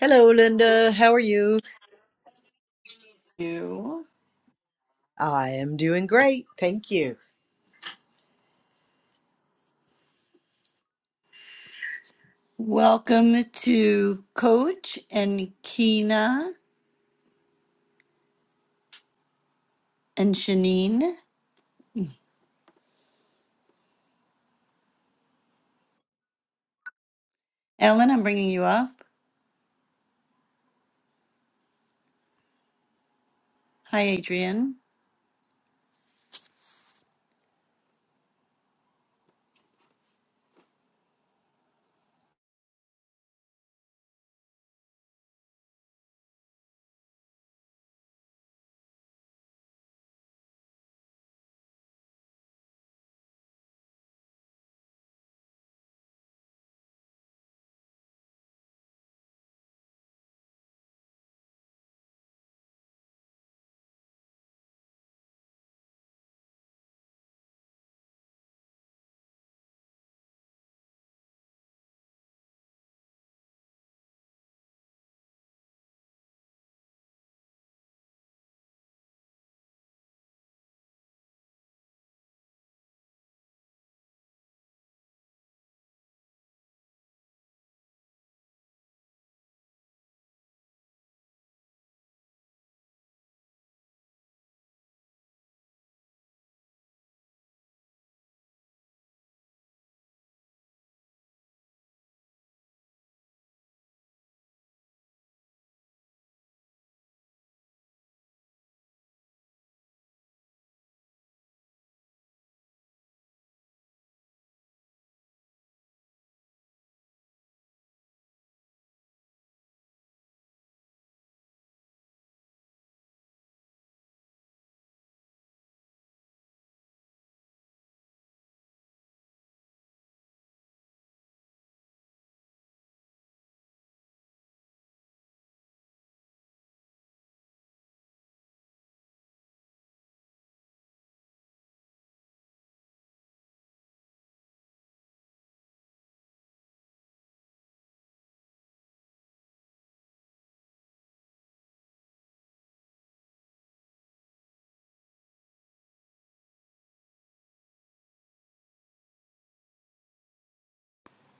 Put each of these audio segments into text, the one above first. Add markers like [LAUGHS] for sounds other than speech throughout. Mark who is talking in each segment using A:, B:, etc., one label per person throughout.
A: Hello, Linda. How are you?
B: you.
A: I am doing great. Thank you.
B: Welcome to Coach and Kina and Shanine. Ellen, I'm bringing you up. Hi, Adrian.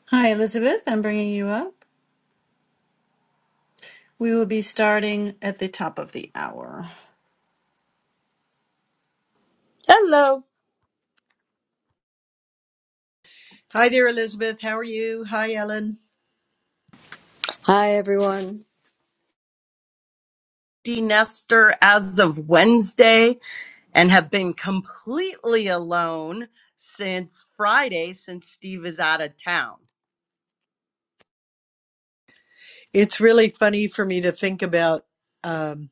B: Hi, Elizabeth. I'm bringing you up. We will be starting at the top of the hour.
C: Hello,
A: Hi there, Elizabeth. How are you? Hi, Ellen.
D: Hi, everyone.
C: DeNester. as of Wednesday, and have been completely alone since Friday, since Steve is out of town.
A: It's really funny for me to think about. Um,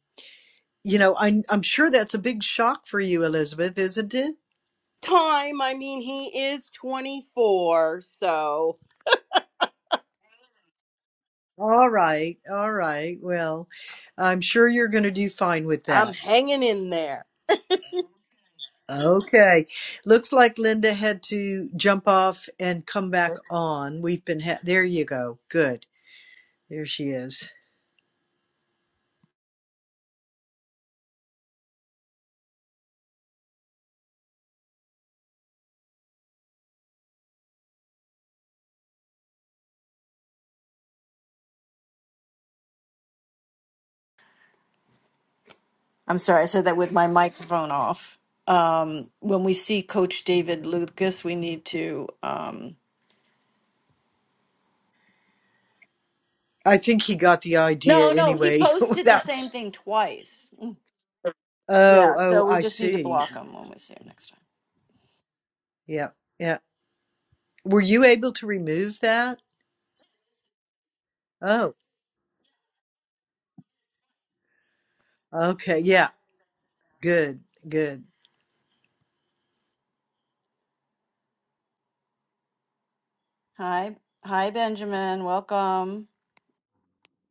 A: you know, I'm, I'm sure that's a big shock for you, Elizabeth, isn't it?
C: Time, I mean, he is 24, so
A: All right. All right. Well, I'm sure you're going to do fine with
C: I'm
A: that.
C: hanging in there.
A: Okay. Looks like Linda had to jump off and come back on. We've been, ha- there you go. Good. There she is.
B: I'm sorry, I said that with my microphone off. Um, when we see Coach David Lucas, we need to. Um,
A: I think he got the idea
B: no, no, he
A: anyway [LAUGHS]
B: posted the same
A: without.
B: thing twice.
A: Oh,
B: Yeah, so
A: oh,
B: we
A: I
B: just need to
A: see.
B: block him when we see him next time.
A: Yeah, yeah. Were you able to remove that? Oh, okay. Yeah, good, good.
B: Hi, hi, Benjamin. Welcome.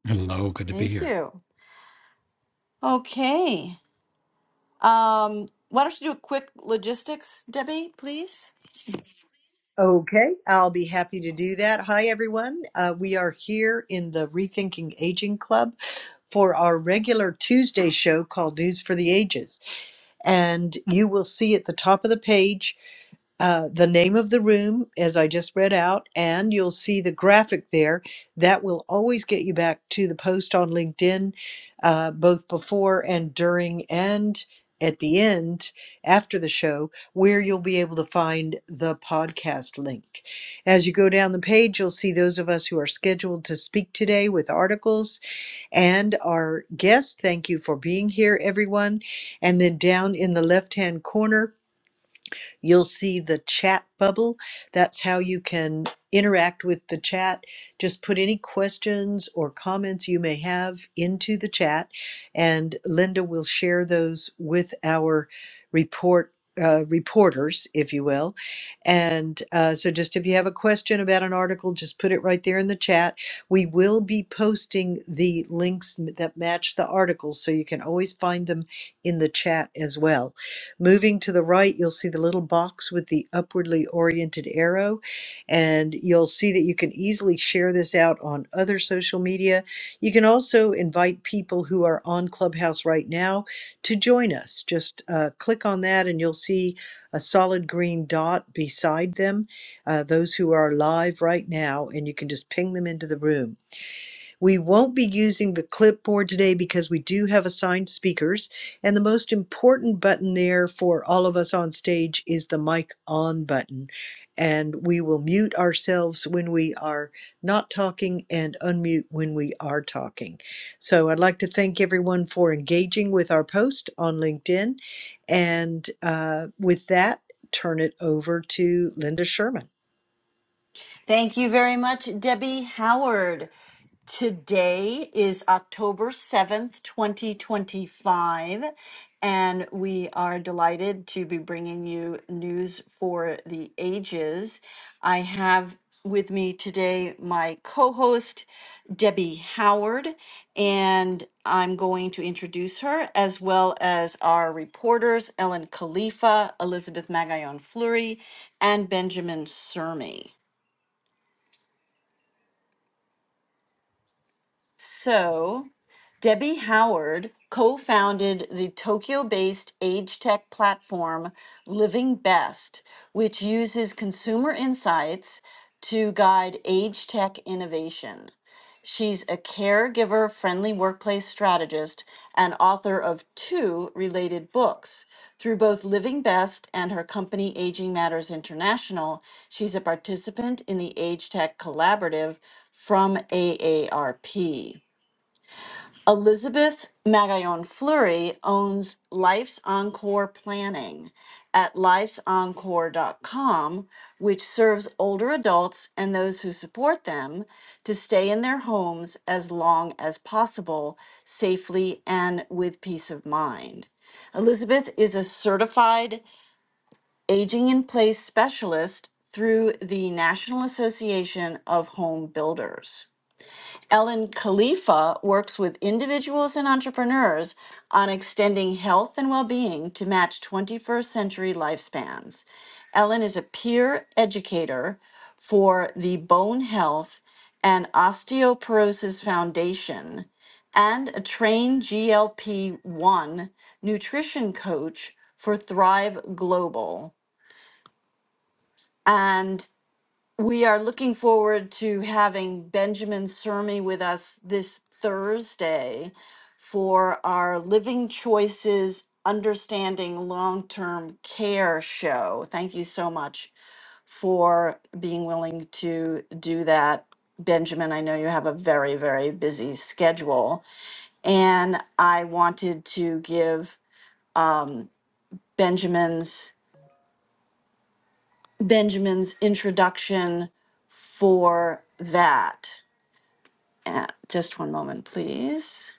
E: Hello, good to be
B: Thank
E: here.
B: you. Okay. Um, why don't you do a quick logistics, Debbie, please?
A: Okay, I'll be happy to do that. Hi, everyone. Uh, we are here in the Rethinking Aging Club for our regular Tuesday show called News for the Ages. And you will see at the top of the page uh, the name of the room, as I just read out, and you'll see the graphic there. That will always get you back to the post on LinkedIn, uh, both before and during and at the end after the show, where you'll be able to find the podcast link. As you go down the page, you'll see those of us who are scheduled to speak today with articles and our guest. Thank you for being here, everyone. And then down in the left hand corner, You'll see the chat bubble. That's how you can interact with the chat. Just put any questions or comments you may have into the chat, and Linda will share those with our report. Uh, reporters, if you will. And uh, so, just if you have a question about an article, just put it right there in the chat. We will be posting the links m- that match the articles, so you can always find them in the chat as well. Moving to the right, you'll see the little box with the upwardly oriented arrow, and you'll see that you can easily share this out on other social media. You can also invite people who are on Clubhouse right now to join us. Just uh, click on that, and you'll see a solid green dot beside them, uh, those who are live right now, and you can just ping them into the room. We won't be using the clipboard today because we do have assigned speakers. And the most important button there for all of us on stage is the mic on button. And we will mute ourselves when we are not talking and unmute when we are talking. So I'd like to thank everyone for engaging with our post on LinkedIn. And uh, with that, turn it over to Linda Sherman.
B: Thank you very much, Debbie Howard. Today is October 7th, 2025, and we are delighted to be bringing you news for the ages. I have with me today my co host, Debbie Howard, and I'm going to introduce her as well as our reporters, Ellen Khalifa, Elizabeth Magayon Fleury, and Benjamin Cermi. So, Debbie Howard co founded the Tokyo based age tech platform Living Best, which uses consumer insights to guide age tech innovation. She's a caregiver friendly workplace strategist and author of two related books. Through both Living Best and her company Aging Matters International, she's a participant in the Age Tech Collaborative from AARP. Elizabeth Magallon Fleury owns Life's Encore Planning at lifesencore.com, which serves older adults and those who support them to stay in their homes as long as possible, safely and with peace of mind. Elizabeth is a certified aging in place specialist through the National Association of Home Builders. Ellen Khalifa works with individuals and entrepreneurs on extending health and well being to match 21st century lifespans. Ellen is a peer educator for the Bone Health and Osteoporosis Foundation and a trained GLP 1 nutrition coach for Thrive Global. and. We are looking forward to having Benjamin Sermi with us this Thursday for our Living Choices Understanding Long Term Care show. Thank you so much for being willing to do that. Benjamin, I know you have a very, very busy schedule. And I wanted to give um, Benjamin's Benjamin's introduction for that. Uh, just one moment, please.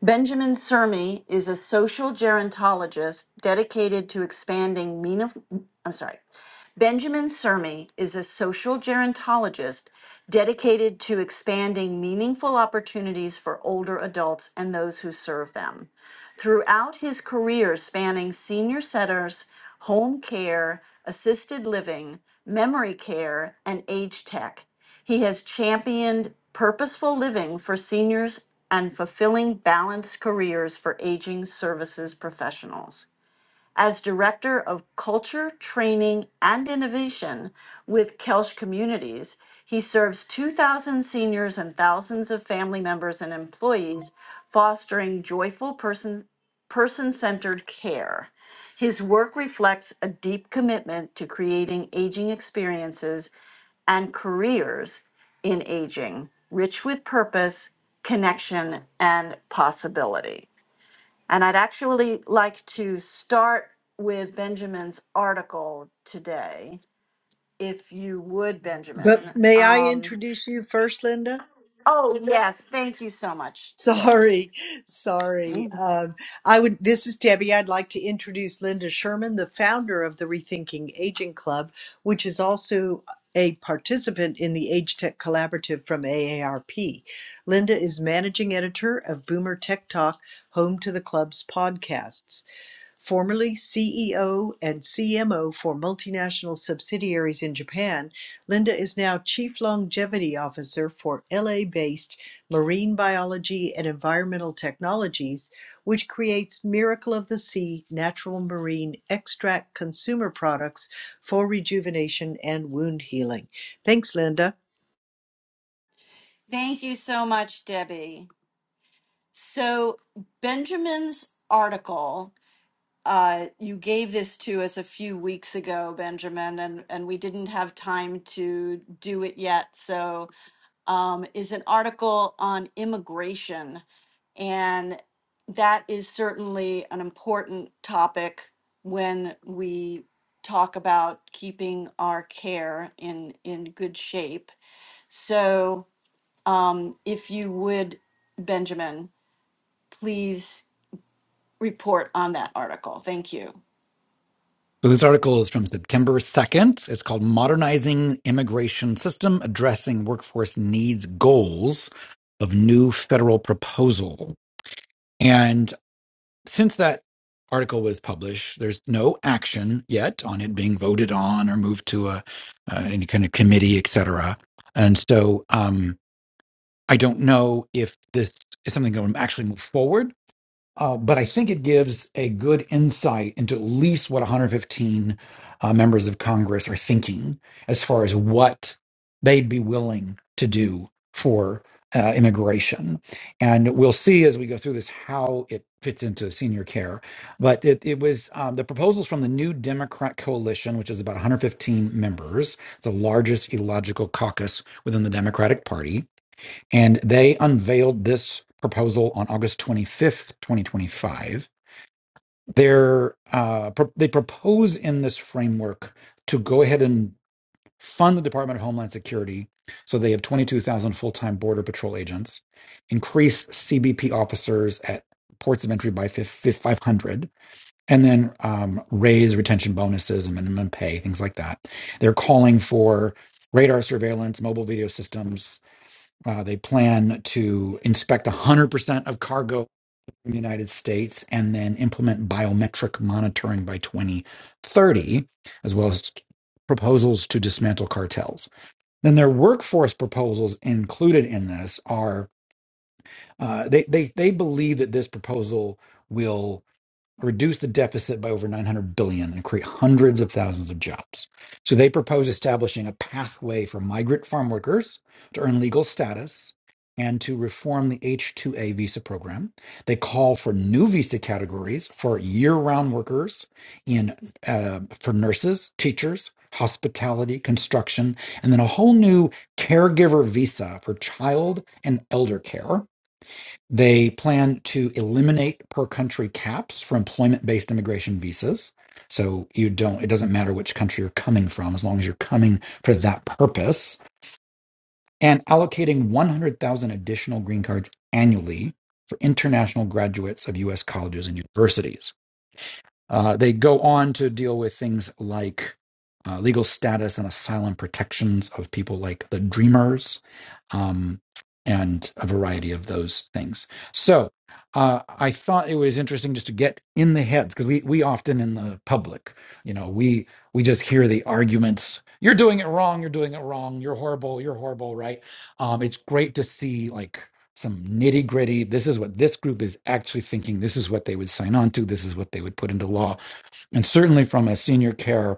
B: Benjamin Sermi is a social gerontologist dedicated to expanding meaningful. I'm sorry. Benjamin Sermi is a social gerontologist dedicated to expanding meaningful opportunities for older adults and those who serve them. Throughout his career spanning senior centers, home care, assisted living, memory care, and age tech, He has championed purposeful living for seniors and fulfilling balanced careers for aging services professionals as Director of Culture, Training, and Innovation with Kelsch Communities. He serves 2,000 seniors and thousands of family members and employees, fostering joyful person centered care. His work reflects a deep commitment to creating aging experiences and careers in aging, rich with purpose, connection, and possibility. And I'd actually like to start with Benjamin's article today, if you would,
A: But
B: Benjamin.
A: may I
B: Um,
A: introduce you first, Linda?
B: oh, yes. Thank you so much,
A: [LAUGHS]
B: Debbie.
A: Sorry, sorry. Um, I would. This is Debbie. I'd like to introduce Linda Sherman, the founder of the Rethinking Aging Club, which is also a participant in the Age Tech Collaborative from AARP. Linda is managing editor of Boomer Tech Talk, home to the club's podcasts. Formerly CEO and CMO for multinational subsidiaries in Japan, Linda is now Chief Longevity Officer for LA-based Marine Biology and Environmental Technologies, which creates Miracle of the Sea natural marine extract consumer products for rejuvenation and wound healing. Thanks, Linda.
B: Thank you so much, Debbie. So, Benjamin's article, uh, you gave this to us a few weeks ago, Benjamin, and, and we didn't have time to do it yet. So, um, is an article on immigration And that is certainly an important topic when we talk about keeping our care in, in good shape. So um, if you would, Benjamin, please report on that article. Thank you.
E: So this article is from September 2nd. It's called Modernizing Immigration System Addressing Workforce Needs Goals of New Federal Proposal. And since that article was published, there's no action yet on it being voted on or moved to a uh, any kind of committee, et cetera. And so um, I don't know if this is something that will actually move forward Uh, but I think it gives a good insight into at least what 115 uh, members of Congress are thinking as far as what they'd be willing to do for uh, immigration. And we'll see as we go through this how it fits into senior care. But it, it was um, the proposals from the New Democrat Coalition, which is about 115 members, it's the largest ideological caucus within the Democratic Party and they unveiled this proposal on August 25th, 2025. They're, uh, pro- they propose in this framework to go ahead and fund the Department of Homeland Security. So they have 22,000 full time Border Patrol agents, increase CBP officers at ports of entry by 500, and then um, raise retention bonuses and minimum pay, things like that. They're calling for radar surveillance, mobile video systems, uh, they plan to inspect 100% of cargo in the United States and then implement biometric monitoring by 2030, as well as proposals to dismantle cartels. Then their workforce proposals included in this are uh, they, they, they believe that this proposal will reduce the deficit by over 900 billion dollars and create hundreds of thousands of jobs. So they propose establishing a pathway for migrant farm workers to earn legal status and to reform the H2A visa program. They call for new visa categories for year-round workers in uh, for nurses, teachers, hospitality, construction, and then a whole new caregiver visa for child and elder care they plan to eliminate per country caps for employment based immigration visas. So you don't, it doesn't matter which country you're coming from as long as you're coming for that purpose. And allocating 100,000 additional green cards annually for international graduates of US colleges and universities. Uh, they go on to deal with things like uh, legal status and asylum protections of people like the Dreamers um, and a variety of those things. So uh, I thought it was interesting just to get in the heads because we, we often in the public, you know, we we just hear the arguments. You're doing it wrong. You're doing it wrong. You're horrible. You're horrible. Right? Um, it's great to see like some nitty gritty. This is what this group is actually thinking. This is what they would sign on to. This is what they would put into law. And certainly from a senior care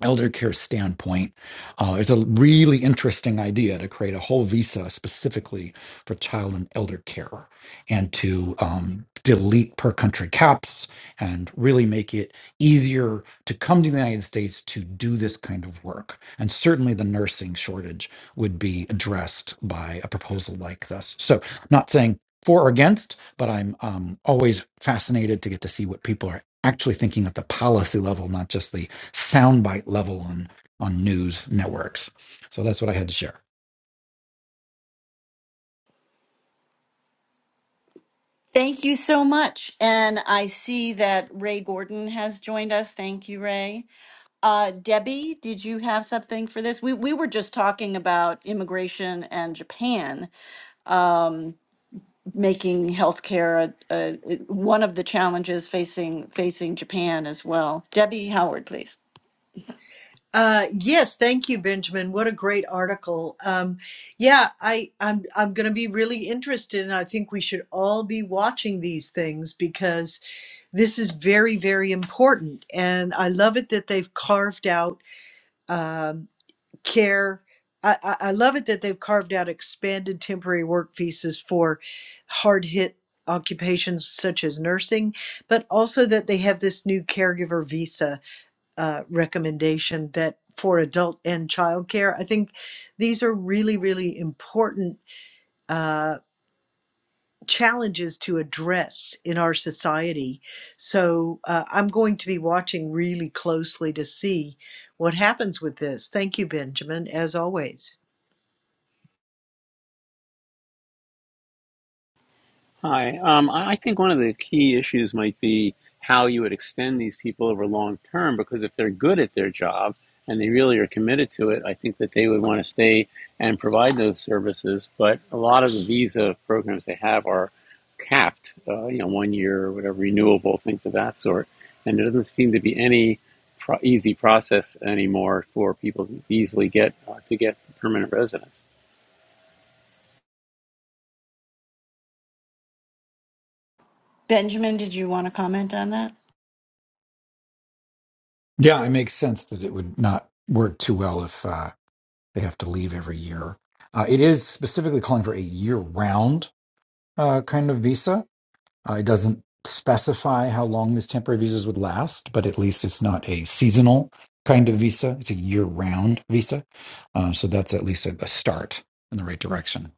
E: elder care standpoint, uh, it's a really interesting idea to create a whole visa specifically for child and elder care and to um, delete per country caps and really make it easier to come to the United States to do this kind of work. And certainly the nursing shortage would be addressed by a proposal like this. So, I'm not saying for or against, but I'm um, always fascinated to get to see what people are actually thinking at the policy level, not just the soundbite level on on news networks. So that's what I had to share.
B: Thank you so much. And I see that Ray Gordon has joined us. Thank you, Ray. Uh, Debbie, did you have something for this? We, we were just talking about immigration and Japan, making healthcare a, a, one of the challenges facing facing Japan as well. Debbie Howard, please.
A: Uh, yes, thank you, Benjamin. What a great article. Um, yeah, I, I'm, I'm going to be really interested, and I think we should all be watching these things because this is very, very important. And I love it that they've carved out um, care. I, I I love it that they've carved out expanded temporary work visas for hard hit occupations such as nursing, but also that they have this new caregiver visa uh, recommendation that for adult and childcare. I think these are really, really important uh, challenges to address in our society. So uh, I'm going to be watching really closely to see what happens with this. Thank you, Benjamin, as always.
F: Hi. Um, I I think one of the key issues might be how you would extend these people over long term, because if they're good at their job and they really are committed to it, I think that they would want to stay and provide those services. But a lot of the visa programs they have are capped, uh, you know, one year or whatever, renewable, things of that sort. And there doesn't seem to be any pro- easy process anymore for people to easily get uh, to get permanent residence.
B: Benjamin, did you want to comment on that?
E: Yeah, it makes sense that it would not work too well if uh, they have to leave every year. Uh, it is specifically calling for a year-round uh, kind of visa. Uh, it doesn't specify how long these temporary visas would last, but at least it's not a seasonal kind of visa. It's a year-round visa, uh, so that's at least a, a start in the right direction.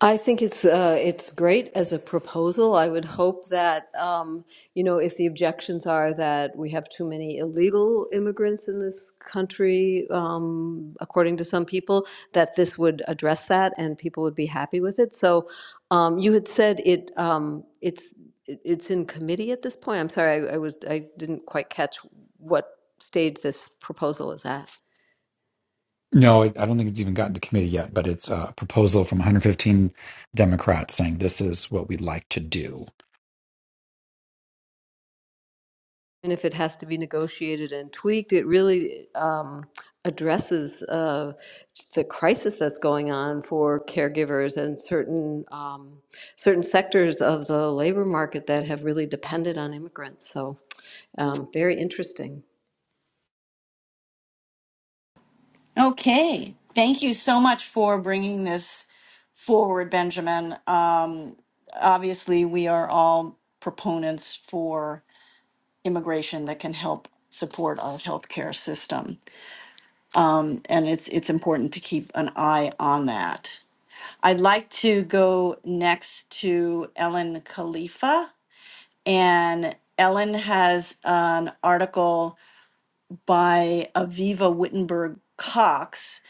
D: I think it's uh, it's great as a proposal. I would hope that um, you know if the objections are that we have too many illegal immigrants in this country, um, according to some people, that this would address that and people would be happy with it. So um, you had said it um, it's it- it's in committee at this point. I'm sorry, I, I was I didn't quite catch what stage this proposal is at.
E: No, I I don't think it's even gotten to committee yet, but it's a proposal from 115 Democrats saying this is what we'd like to do.
D: And if it has to be negotiated and tweaked, it really um, addresses uh, the crisis that's going on for caregivers and certain, um, certain sectors of the labor market that have really depended on immigrants. So um, very interesting.
B: Okay, thank you so much for bringing this forward, Benjamin. Um, obviously, we are all proponents for immigration that can help support our healthcare system, um, and it's it's important to keep an eye on that. I'd like to go next to Ellen Khalifa. And Ellen has an article by Aviva Wittenberg Cox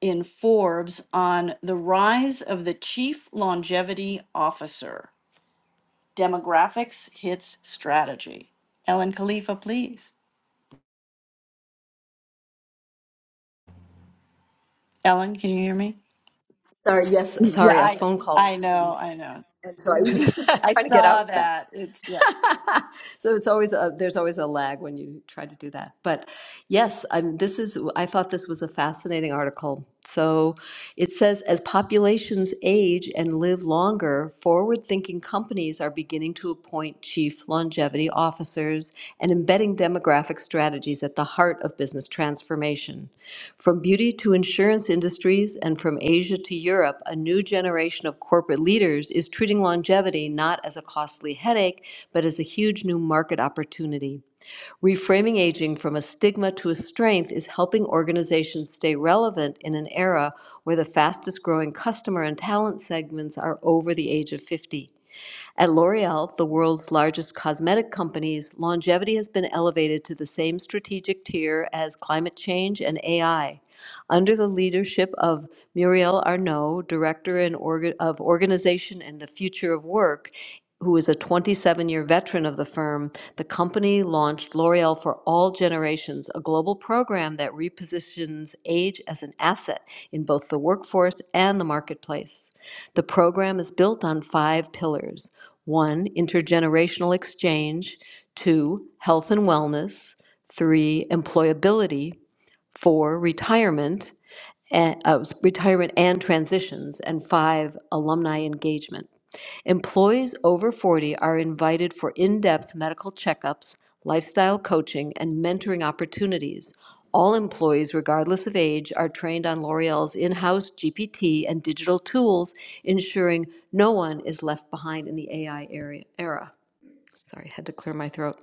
B: in Forbes on the rise of the chief longevity officer. Demographics hits strategy. Ellen Khalifa, please. Ellen, can you hear me?
D: Sorry, yes,
B: Yeah,
D: sorry, a
B: I
D: phone call was
B: I
D: coming.
B: know, I know.
D: And so I was
B: [LAUGHS]
D: [LAUGHS]
B: I
D: trying to get
B: saw
D: out of that.
B: it. It's
D: [LAUGHS] so it's always a, there's always a lag when you try to do that. But Yes, I'm, this is, I thought this was a fascinating article. So it says as populations age and live longer, forward thinking companies are beginning to appoint chief longevity officers and embedding demographic strategies at the heart of business transformation. From beauty to insurance industries and from Asia to Europe, a new generation of corporate leaders is treating longevity not as a costly headache, but as a huge new market opportunity. Reframing aging from a stigma to a strength is helping organizations stay relevant in an era where the fastest growing customer and talent segments are over the age of 50. At L'Oreal, the world's largest cosmetic companies, longevity has been elevated to the same strategic tier as climate change and AI. Under the leadership of Muriel Arnault, Director in orga- of Organization and the Future of Work, who is a 27 year veteran of the firm, the company launched L'Oreal for All Generations, a global program that repositions age as an asset in both the workforce and the marketplace. The program is built on five pillars one, intergenerational exchange. Two, health and wellness. Three, employability. Four, retirement, and, uh, retirement and transitions. And five, alumni engagement. Employees over 40 are invited for in depth medical checkups, lifestyle coaching, and mentoring opportunities. All employees, regardless of age, are trained on L'Oreal's in house GPT and digital tools, ensuring no one is left behind in the AI era. Sorry, had to clear my throat.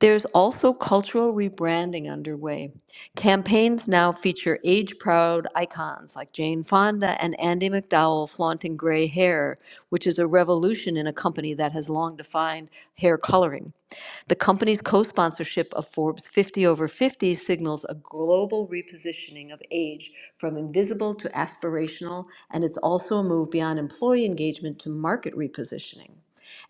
D: There's also cultural rebranding underway. Campaigns now feature age proud icons like Jane Fonda and Andy McDowell flaunting gray hair, which is a revolution in a company that has long defined hair coloring. The company's co sponsorship of Forbes 50 over 50 signals a global repositioning of age from invisible to aspirational, and it's also a move beyond employee engagement to market repositioning.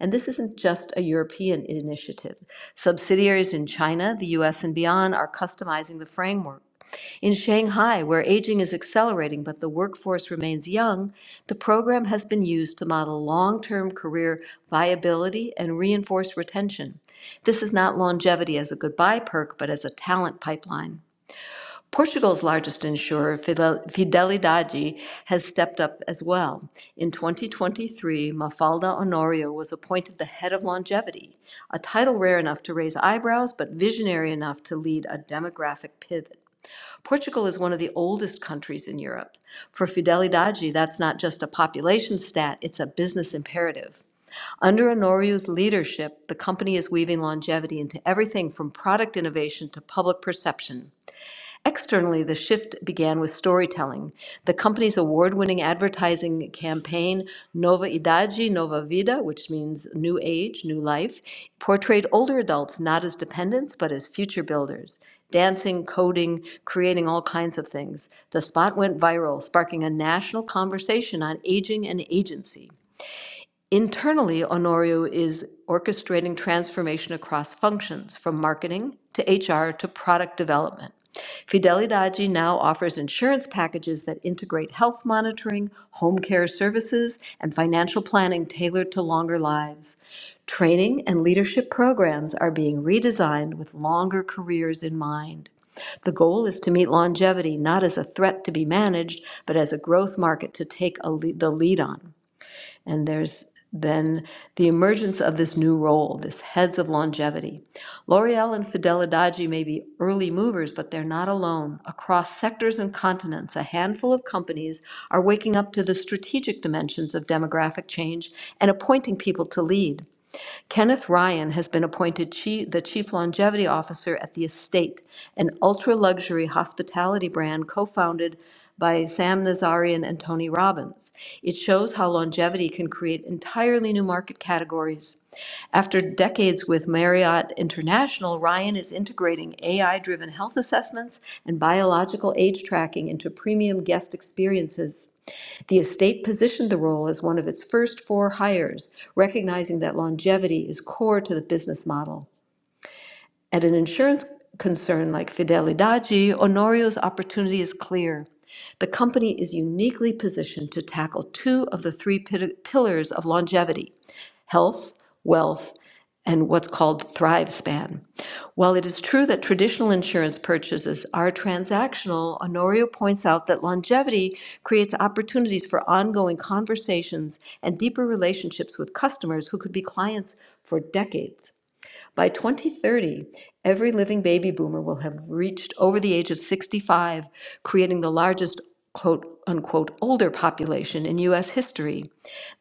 D: And this isn't just a European initiative. Subsidiaries in China, the US, and beyond are customizing the framework in Shanghai, where aging is accelerating but the workforce remains young, the program has been used to model long term career viability and reinforce retention. This is not longevity as a goodbye perk, but as a talent pipeline. Portugal's largest insurer, Fidel- Fidelidade, has stepped up as well. In 2023, Mafalda Honorio was appointed the head of longevity, a title rare enough to raise eyebrows, but visionary enough to lead a demographic pivot. Portugal is one of the oldest countries in Europe. For Fidelidade, that's not just a population stat, it's a business imperative. Under Honorio's leadership, the company is weaving longevity into everything from product innovation to public perception. Externally, the shift began with storytelling. The company's award winning advertising campaign, Nova Idade, Nova Vida, which means new age, new life, portrayed older adults not as dependents but as future builders. Dancing, coding, creating all kinds of things. The spot went viral, sparking a national conversation on aging and agency. Internally, Honorio is orchestrating transformation across functions, from marketing to HR to product development. Fidelidade now offers insurance packages that integrate health monitoring, home care services, and financial planning tailored to longer lives. Training and leadership programs are being redesigned with longer careers in mind. The goal is to meet longevity not as a threat to be managed, but as a growth market to take a lead, the lead on. And there's then the emergence of this new role, this heads of longevity. L'Oreal and Fidelidade may be early movers, but they're not alone. Across sectors and continents, a handful of companies are waking up to the strategic dimensions of demographic change and appointing people to lead. Kenneth Ryan has been appointed chi- the Chief Longevity Officer at The Estate, an ultra-luxury hospitality brand co-founded by Sam Nazarian and Tony Robbins. It shows how longevity can create entirely new market categories. After decades with Marriott International, Ryan is integrating AI-driven health assessments and biological age tracking into premium guest experiences. The estate positioned the role as one of its first four hires, recognizing that longevity is core to the business model. At an insurance concern like Fidelidade, Honorio's opportunity is clear. The company is uniquely positioned to tackle two of the three pi- pillars of longevity health, wealth, and what's called Thrive Span. While it is true that traditional insurance purchases are transactional, Honorio points out that longevity creates opportunities for ongoing conversations and deeper relationships with customers who could be clients for decades. By 2030, every living baby boomer will have reached over the age of 65, creating the largest quote unquote older population in US history.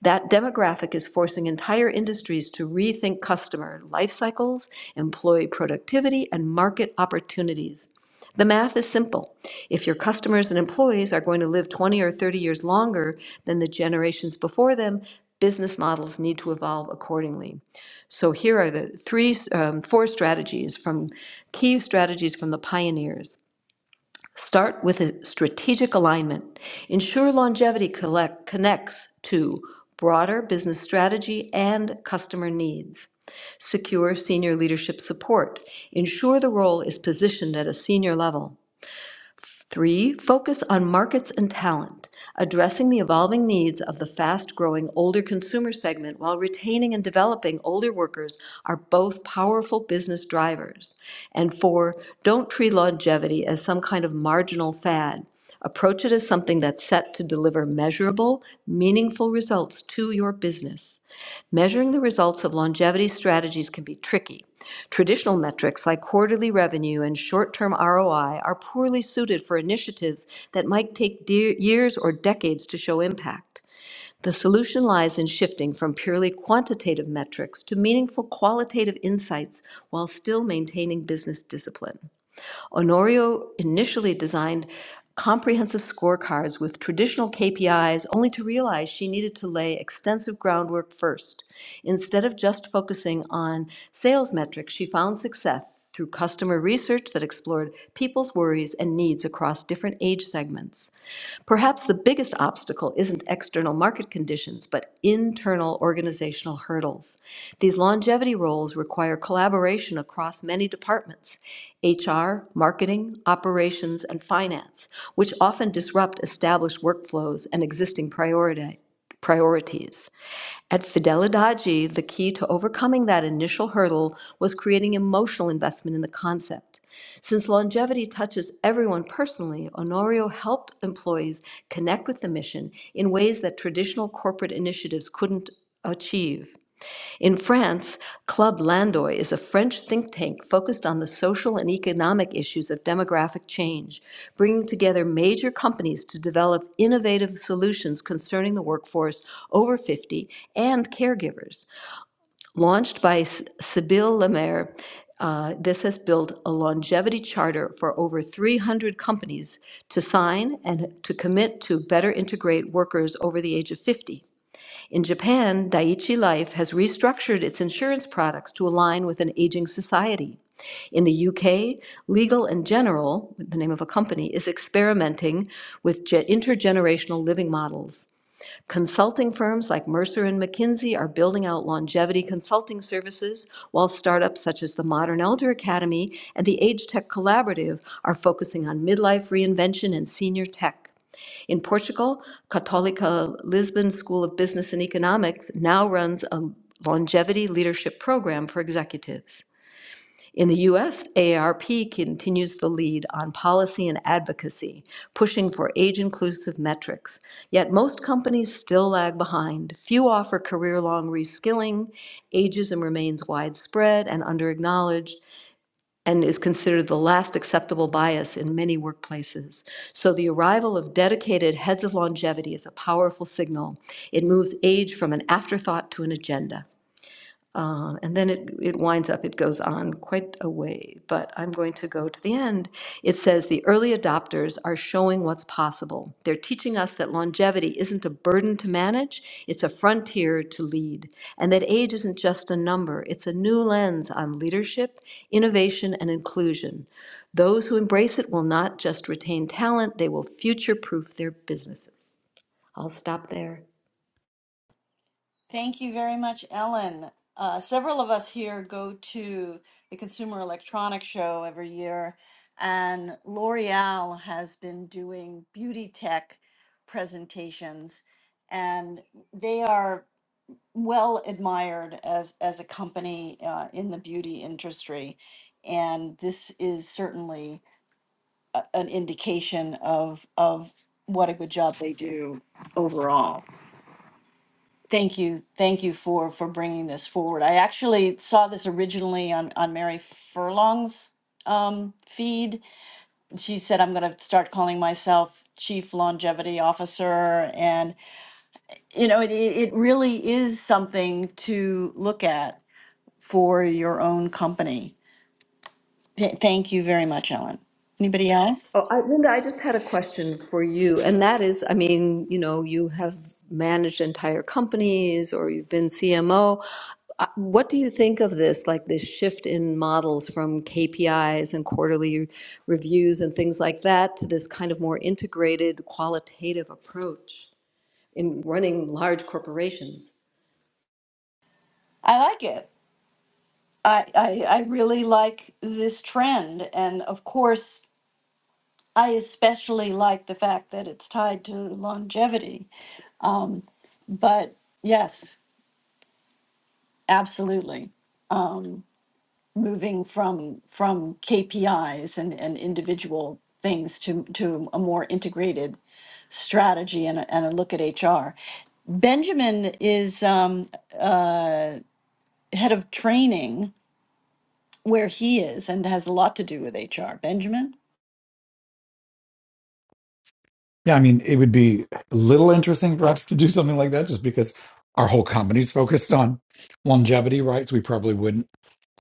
D: That demographic is forcing entire industries to rethink customer life cycles, employee productivity, and market opportunities. The math is simple. If your customers and employees are going to live 20 or 30 years longer than the generations before them, business models need to evolve accordingly. So here are the three, um, four strategies from key strategies from the pioneers. Start with a strategic alignment. Ensure longevity collect, connects to broader business strategy and customer needs. Secure senior leadership support. Ensure the role is positioned at a senior level. Three, focus on markets and talent, addressing the evolving needs of the fast-growing older consumer segment while retaining and developing older workers are both powerful business drivers. And four, don't treat longevity as some kind of marginal fad. Approach it as something that's set to deliver measurable, meaningful results to your business. Measuring the results of longevity strategies can be tricky, Traditional metrics like quarterly revenue and short-term ROI are poorly suited for initiatives that might take de- years or decades to show impact. The solution lies in shifting from purely quantitative metrics to meaningful qualitative insights while still maintaining business discipline. Honorio initially designed comprehensive scorecards with traditional KPIs, only to realize she needed to lay extensive groundwork first. Instead of just focusing on sales metrics, she found success through customer research that explored people's worries and needs across different age segments. Perhaps the biggest obstacle isn't external market conditions, but internal organizational hurdles. These longevity roles require collaboration across many departments HR, marketing, operations, and finance, which often disrupt established workflows and existing priority, priorities. At Fidelidade, the key to overcoming that initial hurdle was creating emotional investment in the concept. Since longevity touches everyone personally, Honorio helped employees connect with the mission in ways that traditional corporate initiatives couldn't achieve. In France, Club Landoy is a French think tank focused on the social and economic issues of demographic change, bringing together major companies to develop innovative solutions concerning the workforce over 50 and caregivers. Launched by S- Sybille Lemaire, uh, this has built a longevity charter for over 300 companies to sign and to commit to better integrate workers over the age of 50. In Japan, Daiichi Life has restructured its insurance products to align with an aging society. In the UK, Legal and General, the name of a company, is experimenting with intergenerational living models. Consulting firms like Mercer and McKinsey are building out longevity consulting services, while startups such as the Modern Elder Academy and the Age Tech Collaborative are focusing on midlife reinvention and senior tech. In Portugal, Católica Lisbon School of Business and Economics now runs a longevity leadership program for executives. In the US, AARP continues the lead on policy and advocacy, pushing for age inclusive metrics. Yet most companies still lag behind. Few offer career long reskilling, ageism remains widespread and under-acknowledged and is considered the last acceptable bias in many workplaces. So the arrival of dedicated heads of longevity is a powerful signal. It moves age from an afterthought to an agenda. Uh, And then it, it winds up, it goes on quite a way, but I'm going to go to the end. It says, "The early adopters are showing what's possible. They're teaching us that longevity isn't a burden to manage, it's a frontier to lead, and that age isn't just a number, it's a new lens on leadership, innovation, and inclusion. Those who embrace it will not just retain talent, they will future-proof their businesses." I'll stop there.
B: Thank you very much, Ellen. Uh, several of us here go to the Consumer Electronics Show every year, and L'Oreal has been doing beauty tech presentations, and they are well admired as as a company uh, in the beauty industry. And this is certainly a, an indication of of what a good job they do overall. Thank you. Thank you for for bringing this forward. I actually saw this originally on on Mary Furlong's um, feed. She said, "I'm going to start calling myself Chief Longevity Officer," and you know, it it it really is something to look at for your own company. Th- thank you very much, Ellen. Anybody else?
D: Oh, I, Linda, I just had a question for you, and that is, I mean, you know, you have managed entire companies or you've been CMO. Uh, What do you think of this, like this shift in models from KPIs and quarterly reviews and things like that to this kind of more integrated qualitative approach in running large corporations?
B: I like it. I, I I really like this trend, and of course. I especially like the fact that it's tied to longevity. Um, but yes, absolutely. Um, moving from from KPIs and, and individual things to to a more integrated strategy and a, and a look at HR. Benjamin is um, uh, head of training where he is and has a lot to do with HR. Benjamin.
E: Yeah, I mean, it would be a little interesting for us to do something like that just because our whole company's focused on longevity right? So We probably wouldn't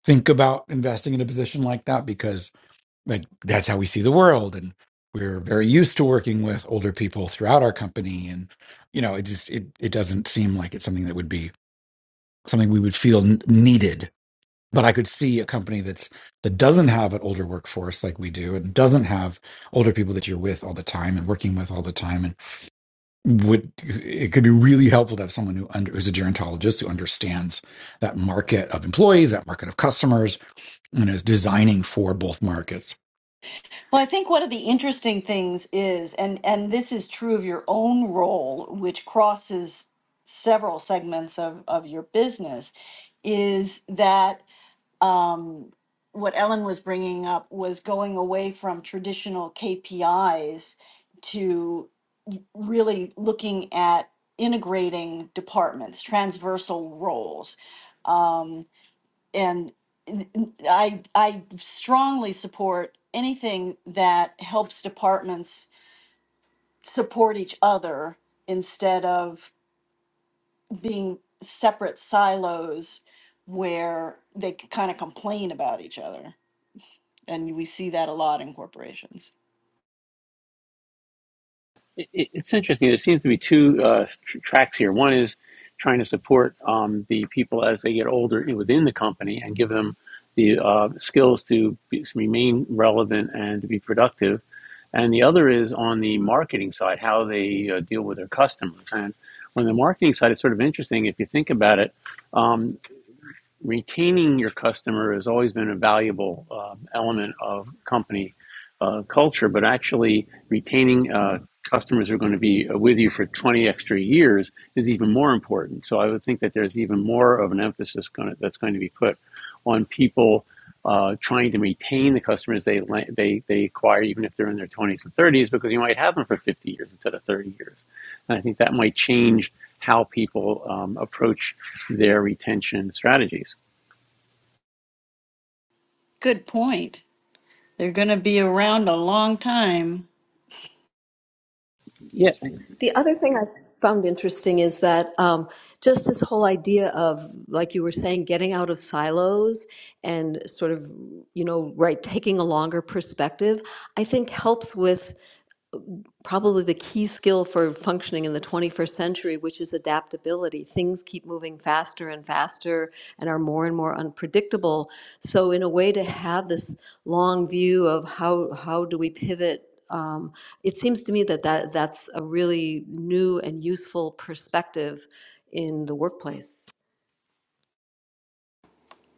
E: think about investing in a position like that because like that's how we see the world and we're very used to working with older people throughout our company and you know, it just it it doesn't seem like it's something that would be something we would feel n- needed but I could see a company that's that doesn't have an older workforce like we do, and doesn't have older people that you're with all the time and working with all the time, and would it could be really helpful to have someone who under, who's a gerontologist who understands that market of employees, that market of customers, and is designing for both markets.
B: Well, I think one of the interesting things is, and and this is true of your own role, which crosses several segments of of your business, is that um, what Ellen was bringing up was going away from traditional KPIs to really looking at integrating departments, transversal roles, and n- n- I I strongly support anything that helps departments support each other instead of being separate silos where they kind of complain about each other. And we see that a lot in corporations.
F: it, it's interesting. There seems to be two uh, tr- tracks here. One is trying to support um, the people as they get older in- within the company and give them the uh, skills to, be, to remain relevant and to be productive. And the other is on the marketing side, how they uh, deal with their customers. And on the marketing side, it's sort of interesting if you think about it. Um, retaining your customer has always been a valuable um, element of company uh, culture, but actually retaining uh, customers who are going to be with you for 20 extra years is even more important. So I would think that there's even more of an emphasis going to, that's going to be put on people uh, trying to retain the customers they, they, they acquire, even if they're in their 20s and 30s, because you might have them for 50 years instead of 30 years. And I think that might change how people um, approach their retention strategies.
B: Good point. They're going to be around a long time.
F: Yeah,
D: The other thing I found interesting is that um, just this whole idea of, like you were saying, getting out of silos and sort of, you know, right, taking a longer perspective, I think helps with probably the key skill for functioning in the 21st century, which is adaptability. Things keep moving faster and faster and are more and more unpredictable. So, in a way, to have this long view of how how do we pivot. Um, it seems to me that, that that's a really new and useful perspective in the workplace.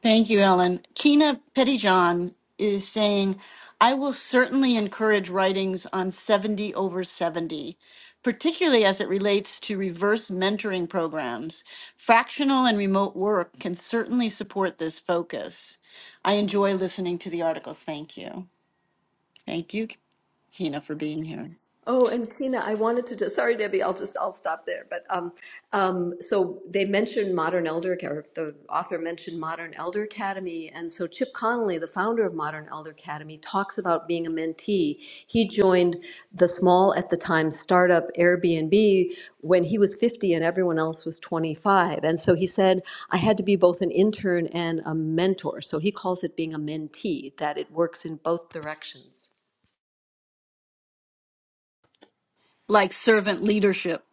B: Thank you, Ellen. Tina Pettyjohn is saying, I will certainly encourage writings on 70 over 70, particularly as it relates to reverse mentoring programs. Fractional and remote work can certainly support this focus. I enjoy listening to the articles. Thank you. Thank you, Tina, for being here.
D: Oh, and Tina, I wanted to just, sorry, Debbie, I'll just, I'll stop there. But um, um, so they mentioned Modern Elder, Ac- or the author mentioned Modern Elder Academy. And so Chip Connolly, the founder of Modern Elder Academy, talks about being a mentee. He joined the small, at the time, startup Airbnb when he was 50 and everyone else was 25. And so he said, I had to be both an intern and a mentor. So he calls it being a mentee, that it works in both directions.
B: Like servant leadership,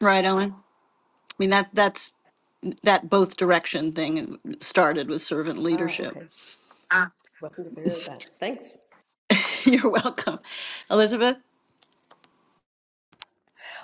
B: right, Ellen? I mean that that's that both direction thing started with servant
D: Ah,
B: leadership.
D: okay. Wasn't aware of that. Thanks.
B: [LAUGHS] You're welcome, Elizabeth.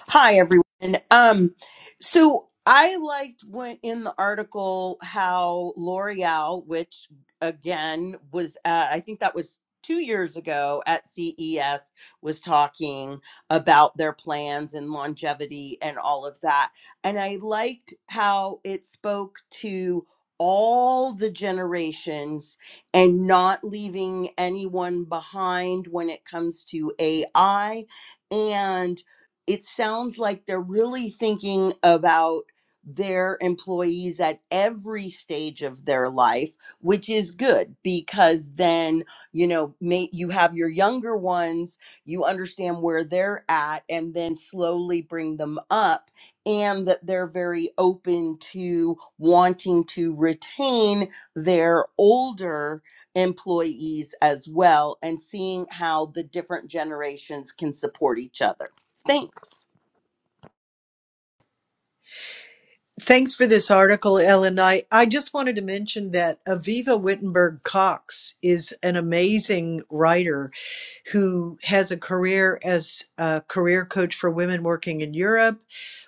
C: Hi, everyone. Um, so I liked when in the article how L'Oreal, which again was, uh, I think that was two years ago at CES, was talking about their plans and longevity and all of that. And I liked how it spoke to all the generations and not leaving anyone behind when it comes to AI and it sounds like they're really thinking about their employees at every stage of their life which is good because then you know may, you have your younger ones you understand where they're at and then slowly bring them up and that they're very open to wanting to retain their older employees as well and seeing how the different generations can support each other Thanks.
A: Thanks for this article, Ellen. I, I just wanted to mention that Aviva Wittenberg Cox is an amazing writer who has a career as a career coach for women working in Europe,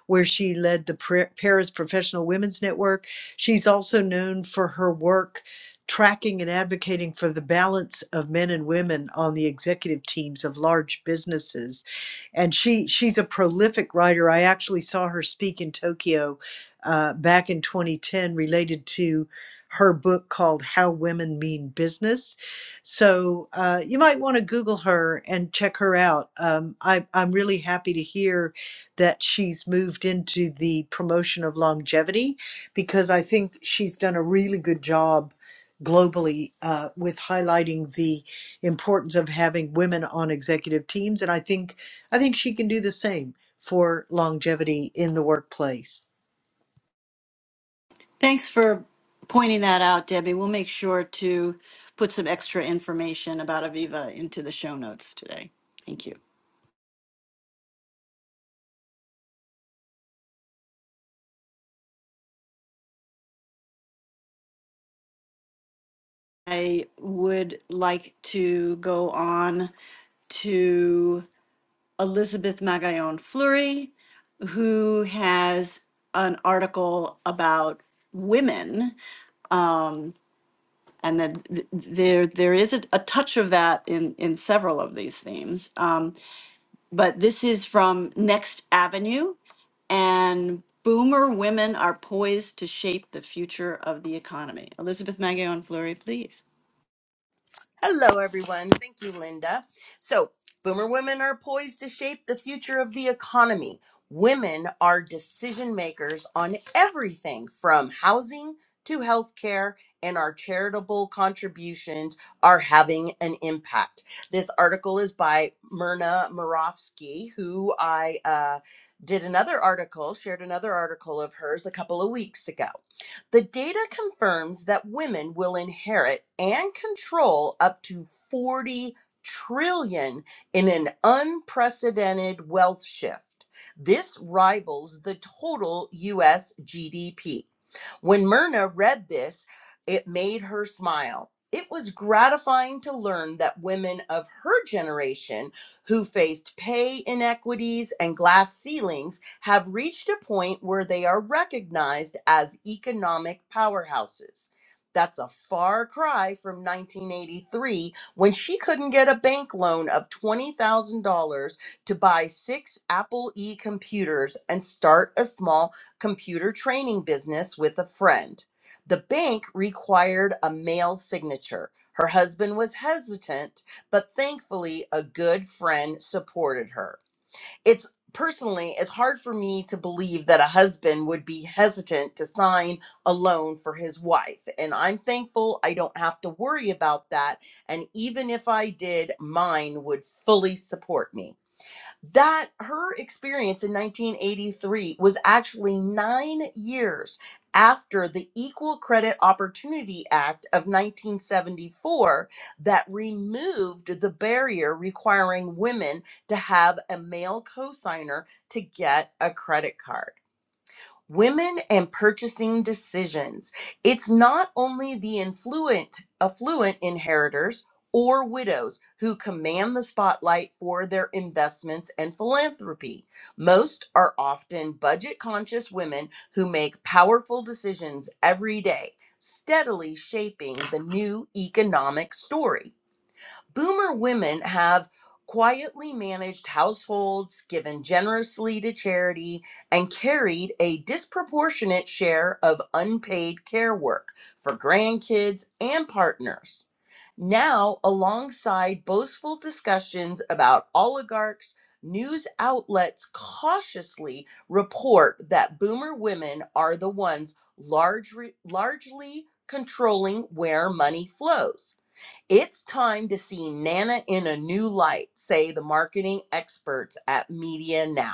A: where she led the Pra- Paris Professional Women's Network. She's also known for her work tracking and advocating for the balance of men and women on the executive teams of large businesses and she she's a prolific writer i actually saw her speak in tokyo uh, back in 2010 related to her book called How Women Mean Business. So uh, you might want to Google her and check her out. Um, I, I'm really happy to hear that she's moved into the promotion of longevity because I think she's done a really good job globally uh, with highlighting the importance of having women on executive teams and i think i think she can do the same for longevity in the workplace
B: Thanks for pointing that out, Debbie. We'll make sure to put some extra information about Aviva into the show notes today. Thank you. I would like to go on to Elizabeth Magallon Fleury, who has an article about women. Um, and that th- there there is a, a touch of that in, in several of these themes. Um, but this is from Next Avenue, and boomer women are poised to shape the future of the economy. Elizabeth Magayon Fleury, please.
C: Hello, everyone. Thank you, Linda. So, boomer women are poised to shape the future of the economy. Women are decision makers on everything from housing to healthcare, and our charitable contributions are having an impact. This article is by Myrna Morofsky, who I uh, did another article, shared another article of hers a couple of weeks ago. The data confirms that women will inherit and control up to 40 trillion in an unprecedented wealth shift. This rivals the total US GDP. When Myrna read this, it made her smile. It was gratifying to learn that women of her generation who faced pay inequities and glass ceilings have reached a point where they are recognized as economic powerhouses. That's a far cry from 1983 when she couldn't get a bank loan of $20,000 to buy six Apple E computers and start a small computer training business with a friend. The bank required a male signature. Her husband was hesitant but thankfully a good friend supported her. It's personally it's hard for me to believe that a husband would be hesitant to sign a loan for his wife and I'm thankful I don't have to worry about that and even if I did mine would fully support me that her experience in 1983 was actually nine years after the Equal Credit Opportunity Act of 1974 that removed the barrier requiring women to have a male cosigner to get a credit card. Women and purchasing decisions. It's not only the influent, affluent inheritors or widows who command the spotlight for their investments and philanthropy. Most are often budget conscious women who make powerful decisions every day, steadily shaping the new economic story. Boomer women have quietly managed households, given generously to charity, and carried a disproportionate share of unpaid care work for grandkids and partners. Now, alongside boastful discussions about oligarchs, news outlets cautiously report that boomer women are the ones large, largely controlling where money flows it's time to see Nana in a new light, say the marketing experts at Media Now.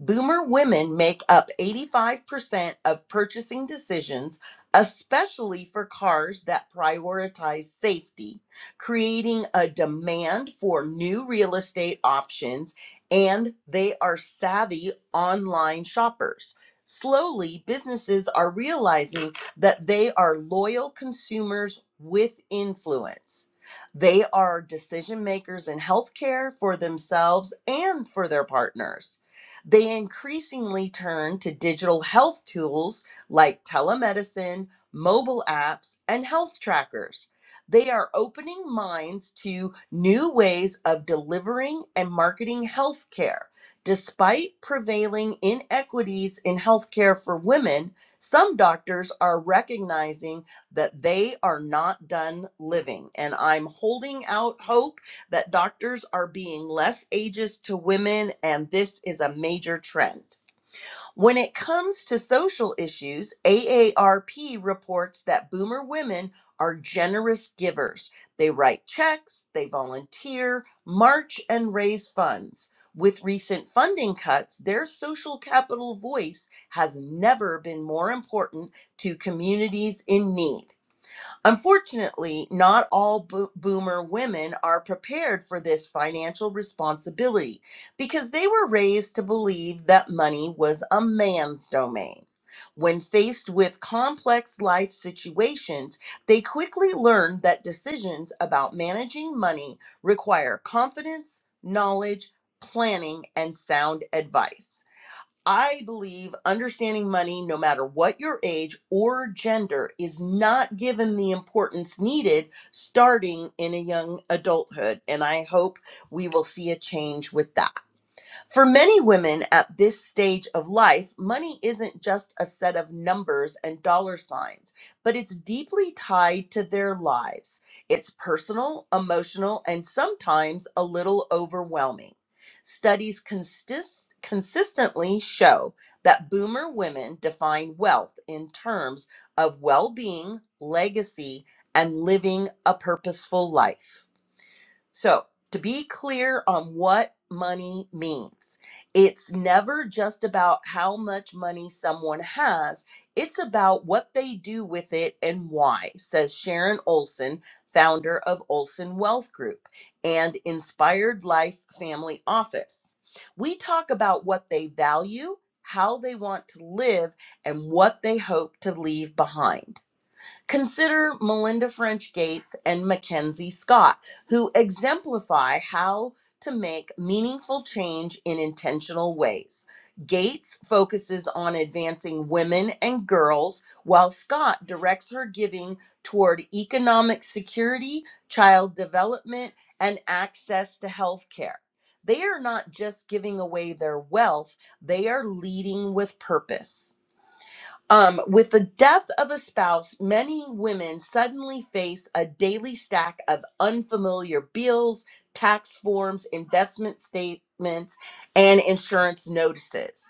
C: Boomer women make up 85% of purchasing decisions, especially for cars that prioritize safety, creating a demand for new real estate options, and they are savvy online shoppers. Slowly, businesses are realizing that they are loyal consumers with influence. They are decision makers in healthcare for themselves and for their partners. They increasingly turn to digital health tools like telemedicine, mobile apps, and health trackers. They are opening minds to new ways of delivering and marketing health care. Despite prevailing inequities in healthcare for women, some doctors are recognizing that they are not done living. And I'm holding out hope that doctors are being less ageist to women, and this is a major trend. When it comes to social issues, AARP reports that boomer women are generous givers. They write checks, they volunteer, march, and raise funds. With recent funding cuts, their social capital voice has never been more important to communities in need. Unfortunately, not all bo- boomer women are prepared for this financial responsibility because they were raised to believe that money was a man's domain. When faced with complex life situations, they quickly learn that decisions about managing money require confidence, knowledge, planning, and sound advice. I believe understanding money, no matter what your age or gender, is not given the importance needed starting in a young adulthood. And I hope we will see a change with that. For many women at this stage of life, money isn't just a set of numbers and dollar signs, but it's deeply tied to their lives. It's personal, emotional, and sometimes a little overwhelming. Studies consist- consistently show that boomer women define wealth in terms of well being, legacy, and living a purposeful life. So, to be clear on what money means, it's never just about how much money someone has, it's about what they do with it and why, says Sharon Olson, founder of Olson Wealth Group and Inspired Life Family Office. We talk about what they value, how they want to live, and what they hope to leave behind. Consider Melinda French Gates and Mackenzie Scott, who exemplify how to make meaningful change in intentional ways. Gates focuses on advancing women and girls, while Scott directs her giving toward economic security, child development, and access to health care. They are not just giving away their wealth, they are leading with purpose. Um, with the death of a spouse, many women suddenly face a daily stack of unfamiliar bills, tax forms, investment statements, and insurance notices.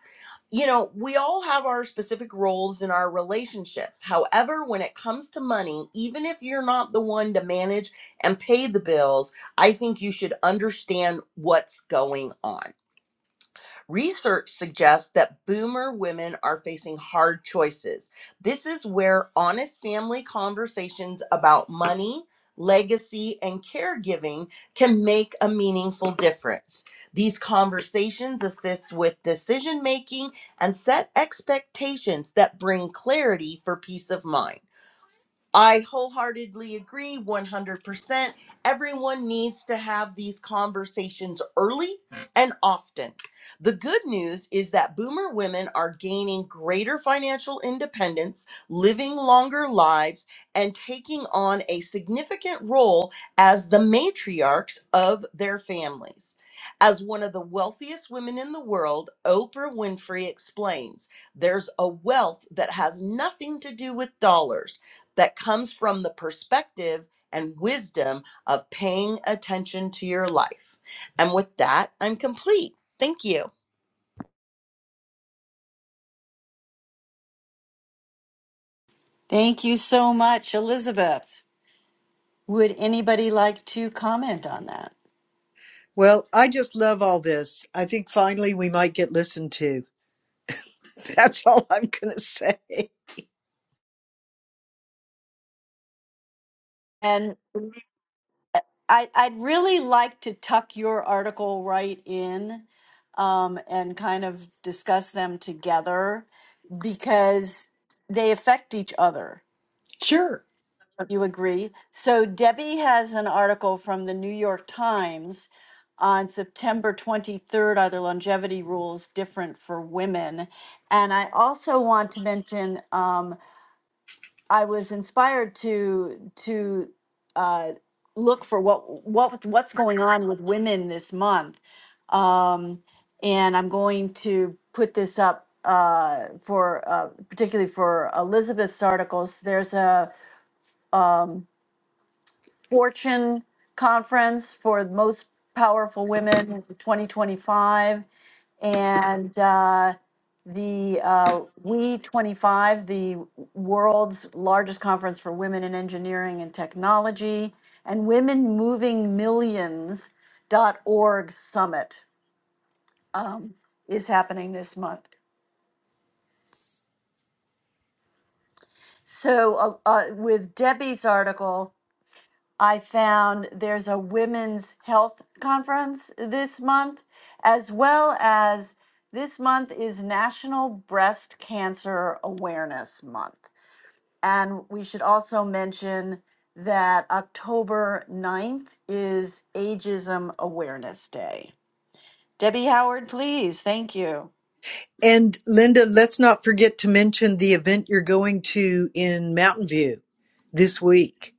C: You know, we all have our specific roles in our relationships. However, when it comes to money, even if you're not the one to manage and pay the bills, I think you should understand what's going on. Research suggests that boomer women are facing hard choices. This is where honest family conversations about money, legacy, and caregiving can make a meaningful difference. These conversations assist with decision making and set expectations that bring clarity for peace of mind. I wholeheartedly agree 100%. Everyone needs to have these conversations early and often. The good news is that boomer women are gaining greater financial independence, living longer lives, and taking on a significant role as the matriarchs of their families. As one of the wealthiest women in the world, Oprah Winfrey explains there's a wealth that has nothing to do with dollars that comes from the perspective and wisdom of paying attention to your life. And with that, I'm complete. Thank you.
B: Thank you so much, Elizabeth. Would anybody like to comment on that?
A: Well, I just love all this. I think finally we might get listened to. [LAUGHS] That's all I'm going to say.
B: And I, I'd really like to tuck your article right in um, and kind of discuss them together because they affect each other.
A: Sure.
B: You agree? So Debbie has an article from the New York Times on September 23rd Are the longevity rules different for women? And I also want to mention um, I was inspired to to uh, look for what what what's going on with women this month. Um, and I'm going to put this up uh, for uh, particularly for Elizabeth's articles. There's a um, Fortune Conference for Most Powerful Women 2025 and uh, the uh, We 25, the world's largest conference for women in engineering and technology, and Women Moving Millions dot org Summit um, is happening this month. So, uh, uh, with Debbie's article, I found there's a women's health conference this month, as well as this month is National Breast Cancer Awareness Month. And we should also mention that October 9th is Ageism Awareness Day. Debbie Howard, please. Thank you.
A: And Linda, let's not forget to mention the event you're going to in Mountain View this week.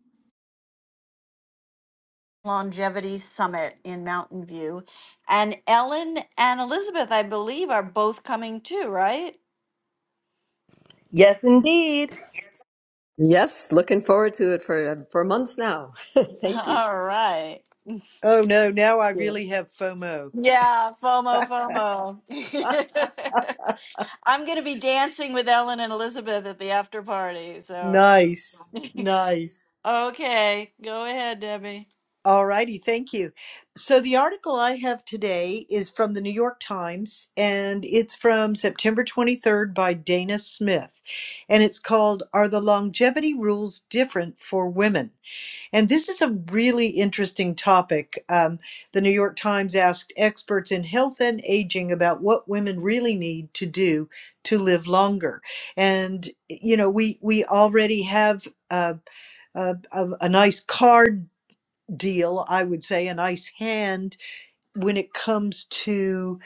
B: Longevity Summit in Mountain View. And Ellen and Elizabeth, I believe, are both coming too, right?
C: Yes, indeed.
D: Yes, looking forward to it for uh, for months now. [LAUGHS]
B: [LAUGHS]
D: Thank you.
B: All right.
A: Oh no, now I
B: Yeah.
A: really have FOMO.
B: Yeah, FOMO, FOMO. [LAUGHS] I'm going to be dancing with Ellen and Elizabeth at the after party. So,
A: Nice.
B: [LAUGHS]
A: Nice.
B: okay, go ahead, Debbie.
A: All righty, thank you. So, the article I have today is from the New York Times and it's from September 23rd by Dana Smith. And it's called Are the Longevity Rules Different for Women? And this is a really interesting topic. Um, the New York Times asked experts in health and aging about what women really need to do to live longer. And, you know, we, we already have. Uh, a, a, a nice card deal, I would say, a nice hand when it comes to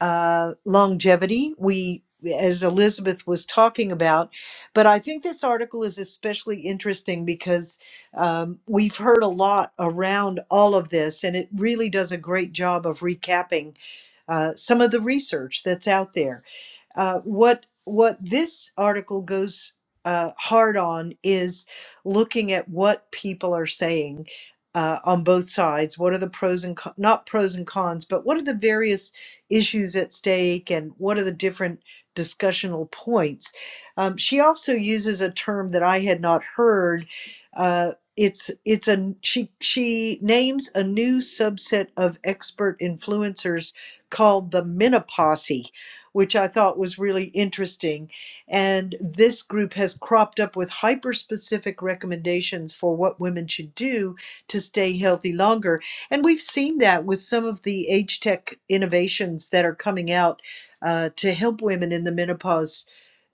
A: uh, longevity. We, as Elizabeth was talking about, but I think this article is especially interesting because um, we've heard a lot around all of this, and it really does a great job of recapping uh, some of the research that's out there. Uh, what what this article goes uh, hard on is looking at what people are saying uh, on both sides. What are the pros and con- not pros and cons, but what are the various issues at stake, and what are the different discussional points? Um, she also uses a term that I had not heard. Uh, it's it's a she she names a new subset of expert influencers called the menoposse which I thought was really interesting. And this group has cropped up with hyper specific recommendations for what women should do to stay healthy longer. And we've seen that with some of the age tech innovations that are coming out uh, to help women in the menopause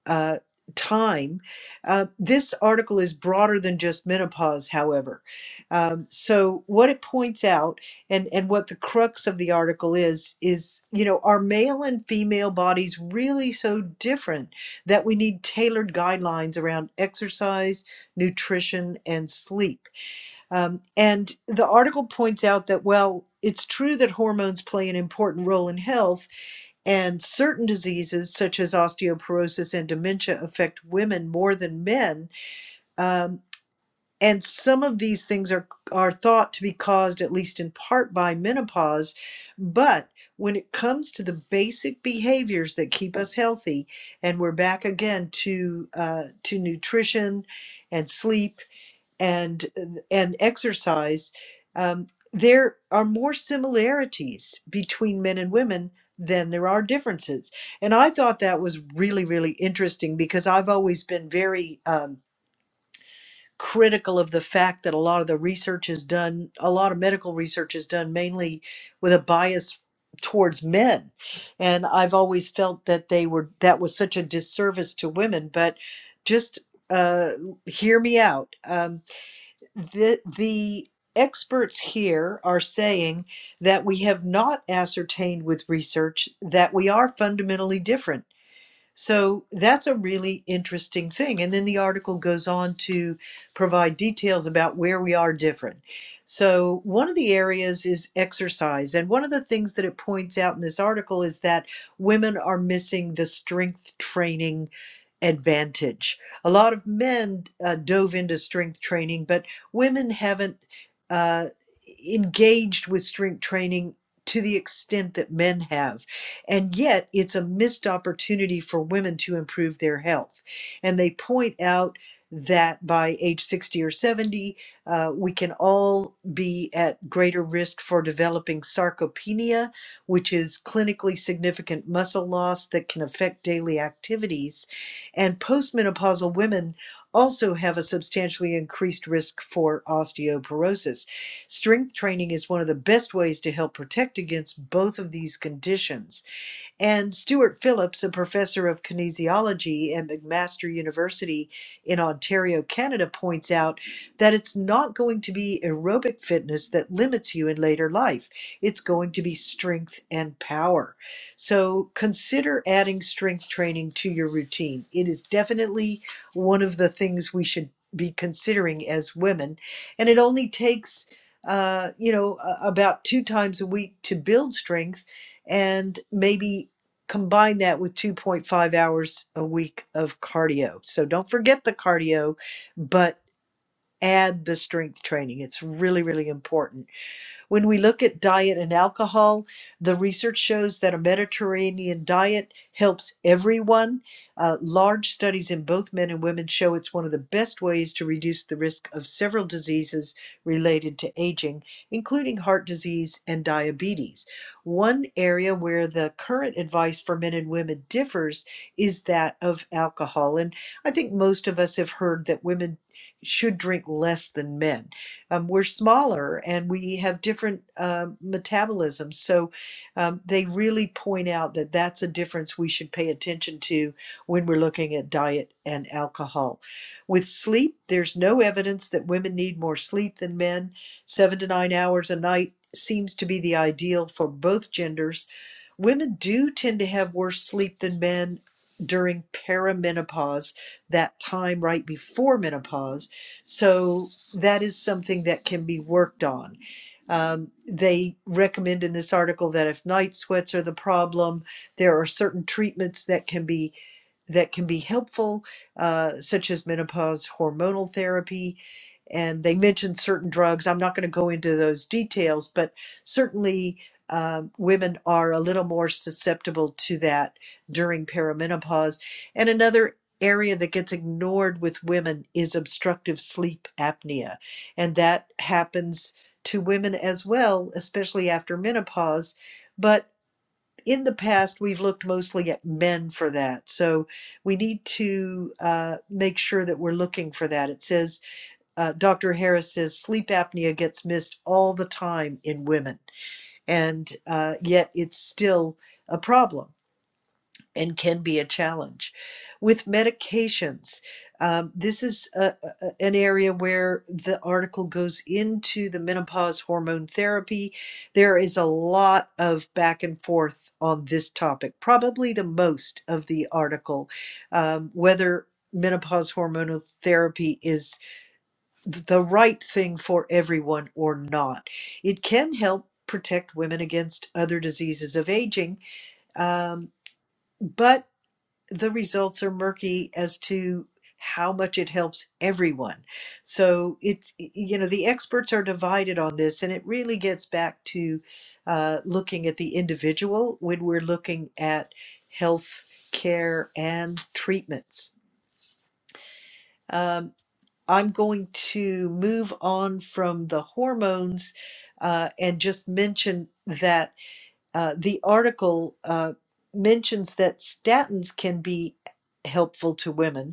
A: uh, time. Uh, this article is broader than just menopause, however. Um, so, what it points out and, and what the crux of the article is, is, you know, are male and female bodies really so different that we need tailored guidelines around exercise, nutrition, and sleep? Um, and the article points out that, well, it's true that hormones play an important role in health, and certain diseases such as osteoporosis and dementia affect women more than men. Um, and some of these things are, are thought to be caused, at least in part, by menopause. But when it comes to the basic behaviors that keep us healthy, and we're back again to uh, to nutrition and sleep and uh, and exercise, um, there are more similarities between men and women than there are differences. And I thought that was really really interesting because I've always been very um, critical of the fact that a lot of the research is done, a lot of medical research is done mainly with a bias towards men and i've always felt that they were that was such a disservice to women but just uh hear me out Um, the the experts here are saying that we have not ascertained with research that we are fundamentally different. So that's a really interesting thing. And then the article goes on to provide details about where we are different. So, one of the areas is exercise. And one of the things that it points out in this article is that women are missing the strength training advantage. A lot of men uh, dove into strength training, but women haven't uh, engaged with strength training to the extent that men have. And yet, it's a missed opportunity for women to improve their health. And they point out that by age 60 or 70, uh, we can all be at greater risk for developing sarcopenia, which is clinically significant muscle loss that can affect daily activities and postmenopausal women also have a substantially increased risk for osteoporosis. Strength training is one of the best ways to help protect against both of these conditions. And Stuart Phillips, a professor of kinesiology at McMaster University in Ontario, Canada, points out that it's not going to be aerobic fitness that limits you in later life. It's going to be strength and power. So consider adding strength training to your routine. It is definitely one of the things we should be considering as women. And it only takes uh, you know, a- about two times a week to build strength and maybe combine that with 2.5 hours a week of cardio. So don't forget the cardio, but add the strength training. It's really, really important. When we look at diet and alcohol, the research shows that a Mediterranean diet helps everyone. Uh, large studies in both men and women show it's one of the best ways to reduce the risk of several diseases related to aging, including heart disease and diabetes. One area where the current advice for men and women differs is that of alcohol. And I think most of us have heard that women should drink less than men um, we're smaller and we have different um metabolisms. So um, they really point out that that's a difference we should pay attention to when we're looking at diet and alcohol. With sleep, there's no evidence that women need more sleep than men. Seven to nine hours a night seems to be the ideal for both genders. Women do tend to have worse sleep than men during perimenopause, that time right before menopause. So that is something that can be worked on. Um, they recommend in this article that if night sweats are the problem, there are certain treatments that can be that can be helpful, uh, such as menopause hormonal therapy. And they mentioned certain drugs. I'm not going to go into those details, but certainly um, women are a little more susceptible to that during perimenopause. And another area that gets ignored with women is obstructive sleep apnea. And that happens to women as well, especially after menopause. But in the past, we've looked mostly at men for that. So we need to uh, make sure that we're looking for that. It says, uh, Dr. Harris says, sleep apnea gets missed all the time in women, and uh, yet it's still a problem and can be a challenge. With medications, um, this is a, a- an area where the article goes into the menopause hormone therapy. There is a lot of back and forth on this topic, probably the most of the article, um, whether menopause hormonal therapy is the right thing for everyone or not. It can help protect women against other diseases of aging. Um, but the results are murky as to how much it helps everyone. So it's, you know, the experts are divided on this, and it really gets back to uh, looking at the individual when we're looking at health care and treatments. Um, I'm going to move on from the hormones uh, and just mention that uh, the article uh, mentions that statins can be helpful to women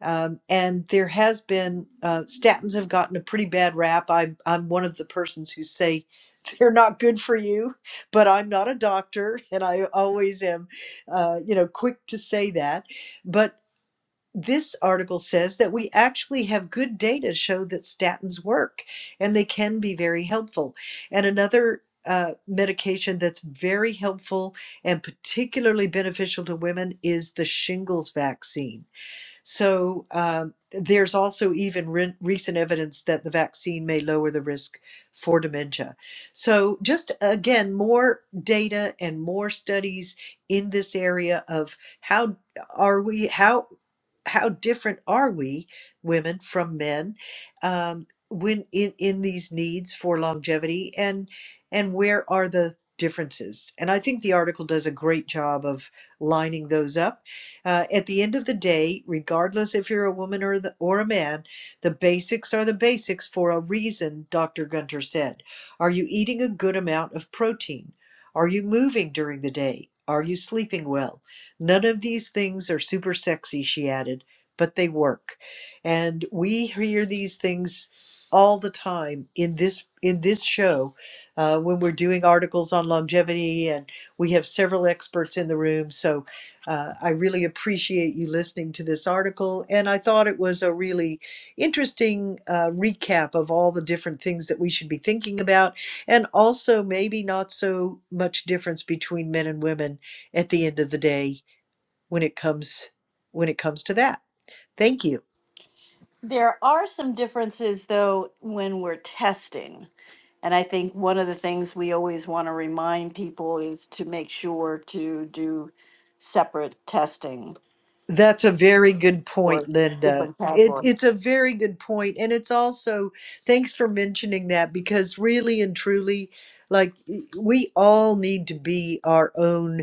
A: um, and there has been uh, statins have gotten a pretty bad rap. I'm I'm one of the persons who say [LAUGHS] they're not good for you, but I'm not a doctor, and I always am, uh, you know, quick to say that. But this article says that we actually have good data to show that statins work, and they can be very helpful. And another. Uh, medication that's very helpful and particularly beneficial to women is the shingles vaccine so um, there's also even re- recent evidence that the vaccine may lower the risk for dementia. So just again, more data and more studies in this area of how are we how how different are we women from men um, when in, in these needs for longevity and and where are the differences and i think the article does a great job of lining those up uh, at the end of the day, regardless if you're a woman or, the, or a man, the basics are the basics for a reason, Dr. Gunter said. Are you eating a good amount of protein? Are you moving during the day? Are you sleeping well? None of these things are super sexy, she added, but they work. And we hear these things all the time in this in this show uh, when we're doing articles on longevity and we have several experts in the room so uh, I really appreciate you listening to this article, and I thought it was a really interesting uh, recap of all the different things that we should be thinking about, and also maybe not so much difference between men and women at the end of the day when it comes when it comes to that. Thank you.
B: There are some differences, though, when we're testing. And I think one of the things we always want to remind people is to make sure to do separate testing
A: That's a very good
B: for
A: point, Linda.
B: different
A: It, it's
B: categories.
A: a very good point, And it's also, thanks for mentioning that because really and truly, like we all need to be our own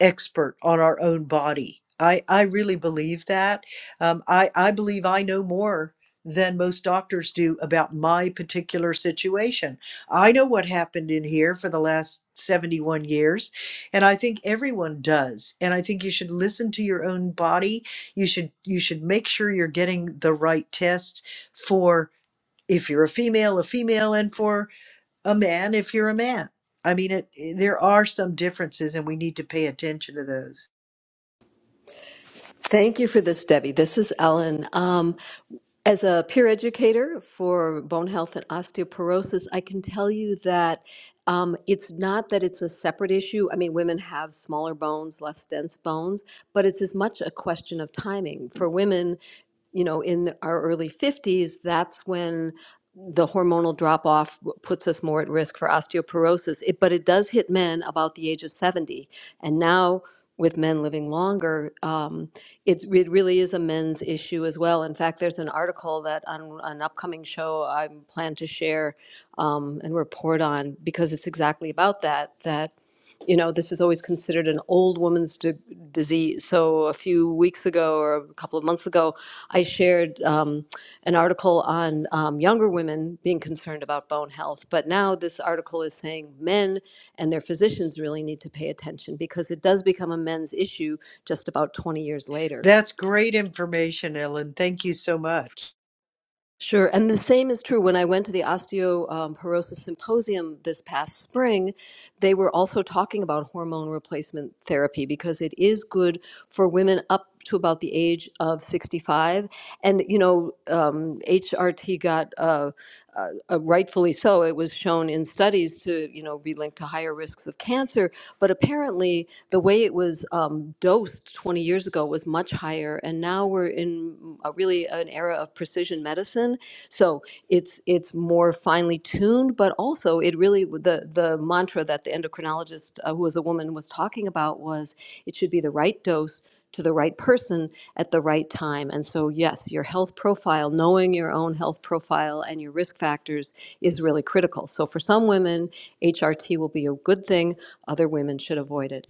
A: expert on our own body. I, I really believe that. Um, I, I believe I know more than most doctors do about my particular situation. I know what happened in here for the last 71 years, and I think everyone does. And I think you should listen to your own body. You should you should make sure you're getting the right test for if you're a female, a female, and for a man if you're a man. I mean, it, eh, there are some differences, and we need to pay attention to those.
D: Thank you for this, Debbie. This is Ellen. Um, as a peer educator for bone health and osteoporosis, I can tell you that um, it's not that it's a separate issue. I mean, women have smaller bones, less dense bones, but it's as much a question of timing. For women, you know, in our early 50s, that's when the hormonal drop off puts us more at risk for osteoporosis. It, but it does hit men about the age of 70. And now, with men living longer, um, it, it really is a men's issue as well. In fact, there's an article that on an upcoming show I plan to share um, and report on because it's exactly about that. That you know, this is always considered an old woman's d- disease. So a few weeks ago or a couple of months ago, I shared. Um, an article on um, younger women being concerned about bone health, but now this article is saying men and their physicians really need to pay attention because it does become a men's issue just about 20 years later.
A: That's great information, Ellen. Thank you so much.
D: Sure. And the same is true when I went to the osteoporosis symposium this past spring, they were also talking about hormone replacement therapy because it is good for women up to about the age of 65. And, you know, um, HRT got uh, uh, uh, rightfully so, it was shown in studies to, you know, be linked to higher risks of cancer. But apparently, the way it was um, dosed 20 years ago was much higher, and now we're in a really an era of precision medicine. So it's it's more finely tuned, but also it really the the mantra that the endocrinologist, uh, who was a woman, was talking about was it should be the right dose to the right person at the right time. And so, yes, your health profile, knowing your own health profile and your risk factors is really critical. So, for some women, HRT will be a good thing, other women should avoid it.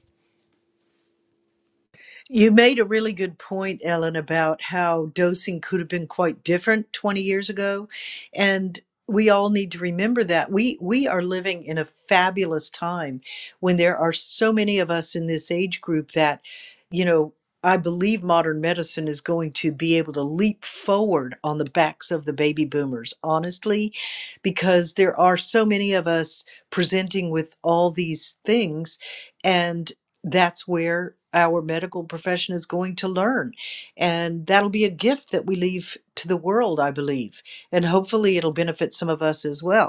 A: You made a really good point, Ellen, about how dosing could have been quite different 20 years ago. And we all need to remember that. We we are living in a fabulous time when there are so many of us in this age group that, you know, I believe modern medicine is going to be able to leap forward on the backs of the baby boomers, honestly, because there are so many of us presenting with all these things. and that's where our medical profession is going to learn. And that'll be a gift that we leave to the world, I believe. And hopefully it'll benefit some of us as well.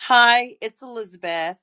C: Hi, it's Elizabeth.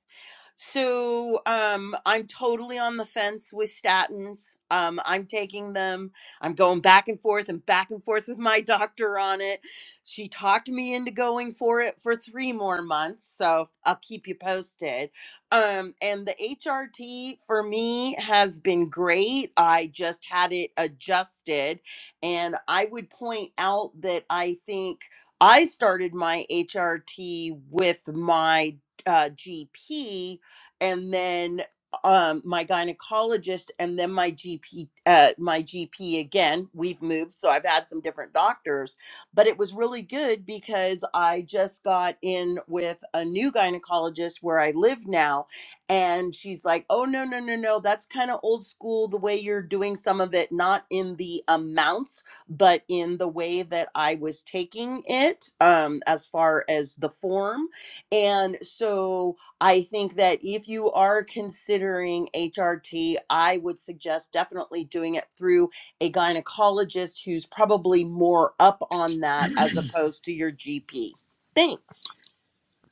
C: So, um, I'm totally on the fence with statins. Um, I'm taking them. I'm going back and forth and back and forth with my [LAUGHS] doctor on it. She talked me into going for it for three more months, so I'll keep you posted. Um, and the HRT for me has been great. I just had it adjusted, and I would point out that I think. I started my HRT with my uh, GP and then um, my gynecologist and then my GP, uh, my GP again. We've moved, so I've had some different doctors, but it was really good because I just got in with a new gynecologist where I live now. And she's like, oh, no, no, no, no, that's kind of old school the way you're doing some of it, not in the amounts but in the way that I was taking it, um, as far as the form. And so I think that if you are considering HRT, I would suggest definitely doing it through a gynecologist who's probably more up on that as opposed to your GP. Thanks.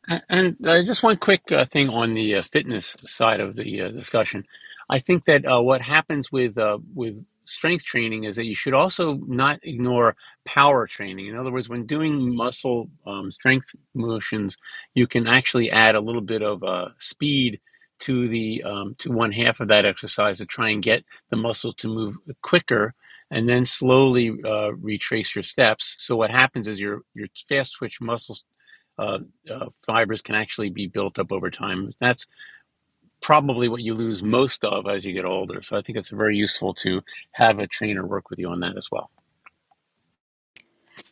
F: a- and uh, just one quick uh, thing on the uh, fitness side of the uh, discussion. I think that uh, what happens with uh, with strength training is that you should also not ignore power training. In other words, when doing muscle um, strength motions, you can actually add a little bit of uh, speed to the um, to one half of that exercise to try and get the muscle to move quicker. And then slowly uh, retrace your steps. So what happens is your your fast switch muscles uh, uh, fibers can actually be built up over time. That's probably what you lose most of as you get older. So I think it's very useful to have a trainer work with you on that as well.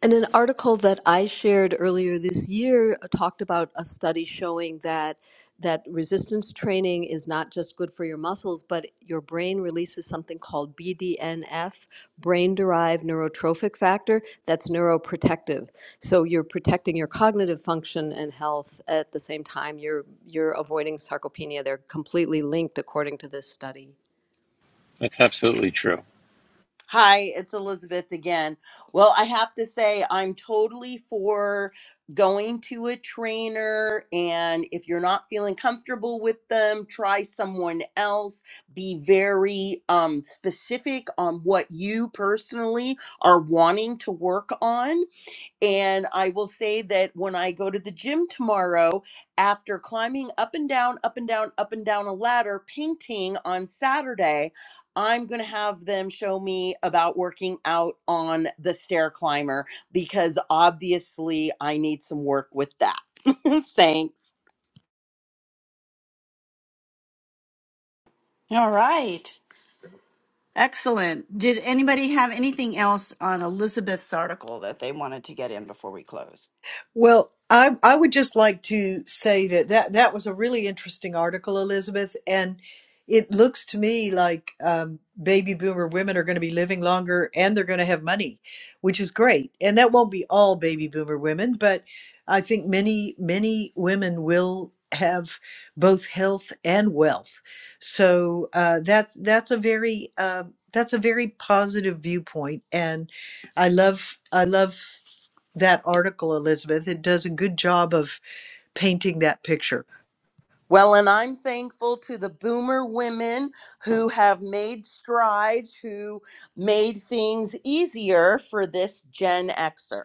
D: And an article that I shared earlier this year talked about a study showing that that resistance training is not just good for your muscles, but your brain releases something called BDNF, brain-derived neurotrophic factor, that's neuroprotective. So you're protecting your cognitive function and health at the same time you're you're avoiding sarcopenia. They're completely linked according to this study.
F: That's absolutely true.
C: Hi, it's Elizabeth again. Well, I have to say, I'm totally for going to a trainer. And if you're not feeling comfortable with them, try someone else. Be very um, specific on what you personally are wanting to work on. And I will say that when I go to the gym tomorrow, after climbing up and down, up and down, up and down a ladder, painting on Saturday, I'm going to have them show me about working out on the stair climber because obviously I need some work with that. [LAUGHS] Thanks.
B: All right. Excellent. Did anybody have anything else on Elizabeth's article that they wanted to get in before we close?
A: Well, I, I would just like to say that, that that was a really interesting article, Elizabeth. And it looks to me like um, baby boomer women are going to be living longer and they're going to have money, which is great. And that won't be all baby boomer women, but I think many, many women will have both health and wealth. So uh, that's that's a very uh, that's a very positive viewpoint, and I love I love that article, Elizabeth. It does a good job of painting that picture.
C: Well, and I'm thankful to the boomer women who have made strides, who made things easier for this Gen Xer.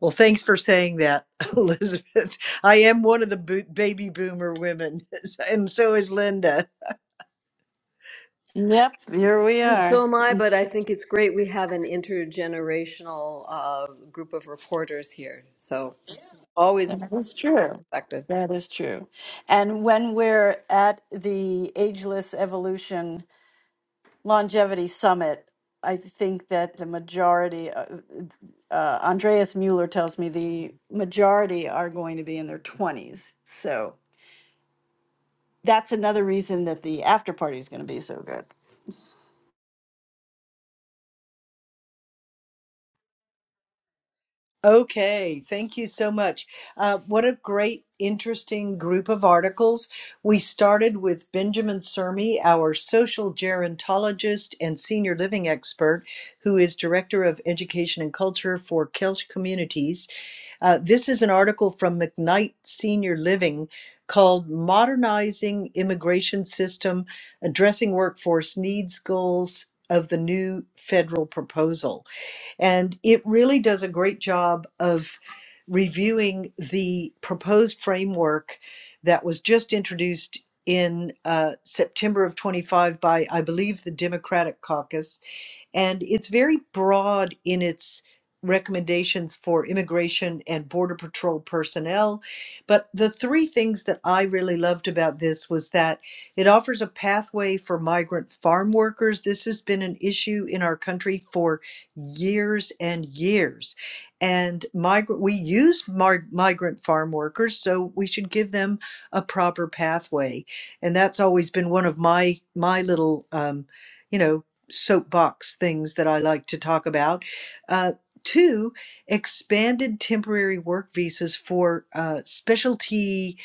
A: Well, thanks for saying that, [LAUGHS] Elizabeth. I am one of the bo- baby boomer women, [LAUGHS] and so is Linda.
B: Yep, here we
D: And
B: are.
D: so am I, but I think it's great we have an intergenerational uh, group of reporters here. So always a
B: That is true.
D: perspective.
B: That is true. And when we're at the Ageless Evolution Longevity Summit, I think that the majority, uh, uh, Andreas Mueller tells me the majority are going to be in their 20s. So that's another reason that the after party is going to be so good.
A: Okay, thank you so much. Uh, what a great, interesting group of articles. We started with Benjamin Sermi, our social gerontologist and senior living expert, who is Director of Education and Culture for Kelch Communities. Uh, this is an article from McKnight Senior Living called Modernizing Immigration System Addressing Workforce Needs Goals of the New Federal Proposal. And it really does a great job of reviewing the proposed framework that was just introduced in uh, September of 25 by, I believe, the Democratic caucus and it's very broad in its recommendations for immigration and border patrol personnel. But the three things that I really loved about this was that it offers a pathway for migrant farm workers. This has been an issue in our country for years and years. And migrant we use mar- migrant farm workers, so we should give them a proper pathway. And that's always been one of my my little um, you know soapbox things that I like to talk about. Uh, two, expanded temporary work visas for uh, specialty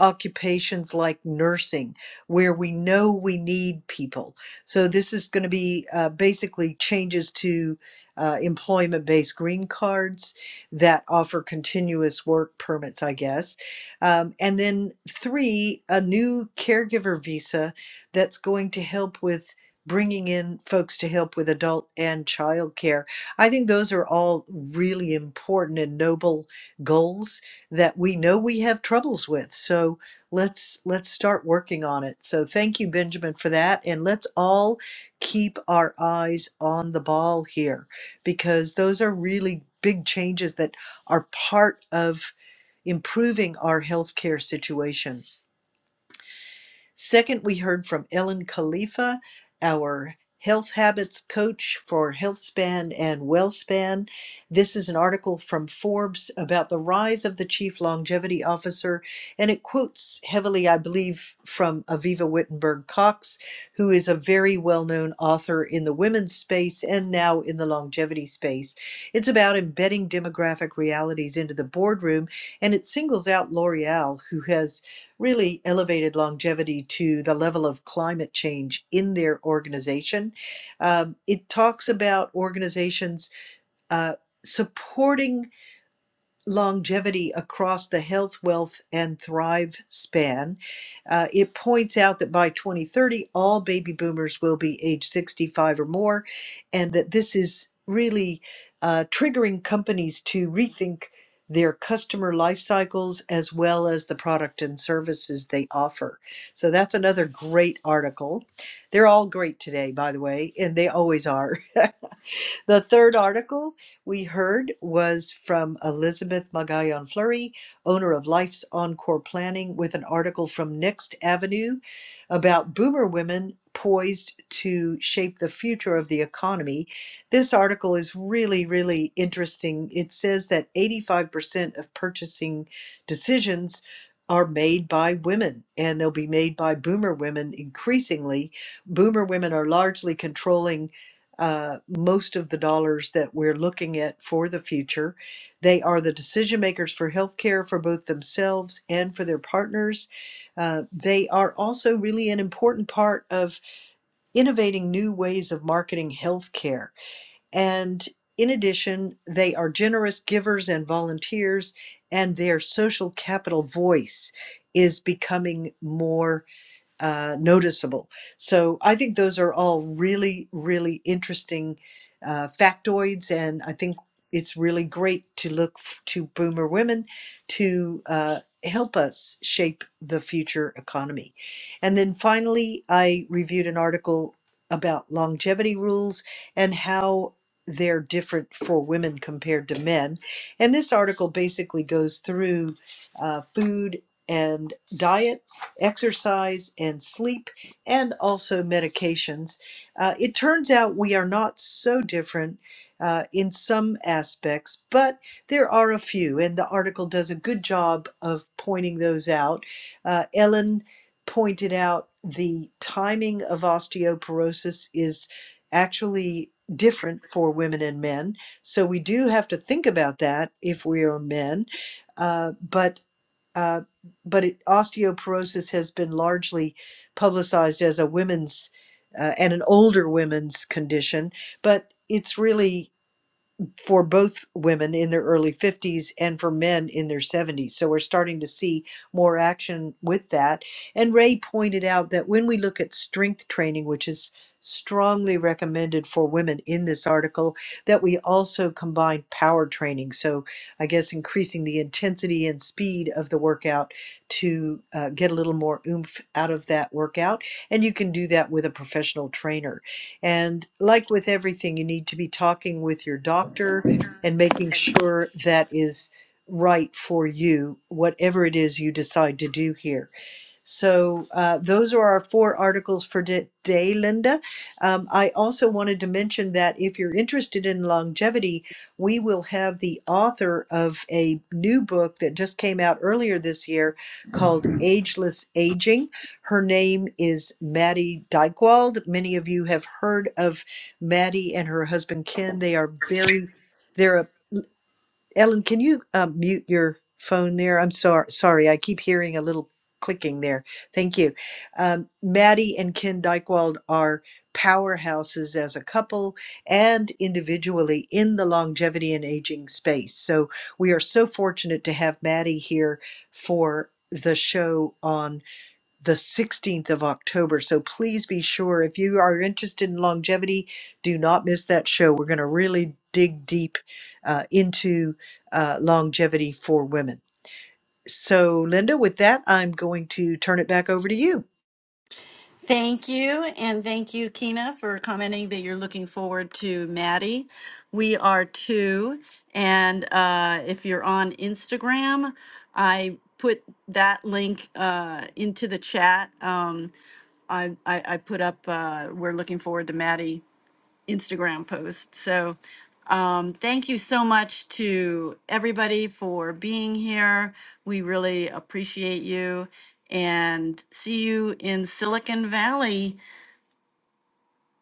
A: occupations like nursing, where we know we need people. So this is going to be uh, basically changes to uh, employment-based green cards that offer continuous work permits, I guess. Um, and then three, a new caregiver visa that's going to help with bringing in folks to help with adult and child care. I think those are all really important and noble goals that we know we have troubles with. So let's let's start working on it. So thank you Benjamin for that and let's all keep our eyes on the ball here because those are really big changes that are part of improving our healthcare situation. Second, we heard from Ellen Khalifa, our health habits coach for HealthSpan and WellSpan. This is an article from Forbes about the rise of the chief longevity officer, and it quotes heavily, I believe, from Aviva Wittenberg Cox, who is a very well known author in the women's space and now in the longevity space. It's about embedding demographic realities into the boardroom, and it singles out L'Oreal, who has really elevated longevity to the level of climate change in their organization. Um, it talks about organizations uh, supporting longevity across the health, wealth, and thrive span. Uh, it points out that by 2030, all baby boomers will be age 65 or more, and that this is really uh, triggering companies to rethink their customer life cycles as well as the product and services they offer. So that's another great article. They're all great today, by the way, and they always are. [LAUGHS] The third article we heard was from Elizabeth Magallon Fleury, owner of Life's Encore Planning, with an article from Next Avenue about boomer women poised to shape the future of the economy. This article is really, really interesting. It says that 85% of purchasing decisions are made by women and they'll be made by boomer women increasingly. Boomer women are largely controlling uh, most of the dollars that we're looking at for the future. They are the decision makers for healthcare for both themselves and for their partners. Uh, they are also really an important part of innovating new ways of marketing healthcare. And in addition, they are generous givers and volunteers, and their social capital voice is becoming more uh, noticeable. So I think those are all really, really interesting uh, factoids, and I think it's really great to look f- to boomer women to uh, help us shape the future economy. And then finally, I reviewed an article about longevity rules and how they're different for women compared to men. And this article basically goes through uh, food and diet exercise and sleep, and also medications. Uh, it turns out we are not so different uh, in some aspects, but there are a few, and the article does a good job of pointing those out. Uh, Ellen pointed out the timing of osteoporosis is actually different for women and men. So we do have to think about that if we are men. Uh, but uh, but it, osteoporosis has been largely publicized as a women's uh, and an older women's condition, but it's really for both women in their early 50s and for men in their 70s. So we're starting to see more action with that. And Ray pointed out that when we look at strength training, which is strongly recommended for women in this article, that we also combine power training. So I guess increasing the intensity and speed of the workout to uh, get a little more oomph out of that workout. And you can do that with a professional trainer. And like with everything, you need to be talking with your doctor and making sure that is right for you, whatever it is you decide to do here. So uh, those are our four articles for today, Linda. Um, I also wanted to mention that if you're interested in longevity, we will have the author of a new book that just came out earlier this year called Ageless Aging. Her name is Maddie Dykewald. Many of you have heard of Maddie and her husband Ken. They are very, they're a Ellen, can you uh, mute your phone there? I'm sorry. Sorry, I keep hearing a little clicking there. Thank you. Um, Maddie and Ken Dykewald are powerhouses as a couple and individually in the longevity and aging space. So we are so fortunate to have Maddie here for the show on the 16th of October. So please be sure if you are interested in longevity, do not miss that show. We're going to really dig deep uh, into uh, longevity for women. So, Linda, with that, I'm going to turn it back over to you.
B: Thank you. And thank you, Kina, for commenting that you're looking forward to Maddie. We are too. And uh, if you're on Instagram, I put that link uh, into the chat. Um, I, I, I put up, uh, we're looking forward to Maddie Instagram post. So um, thank you so much to everybody for being here. We really appreciate you and see you in Silicon Valley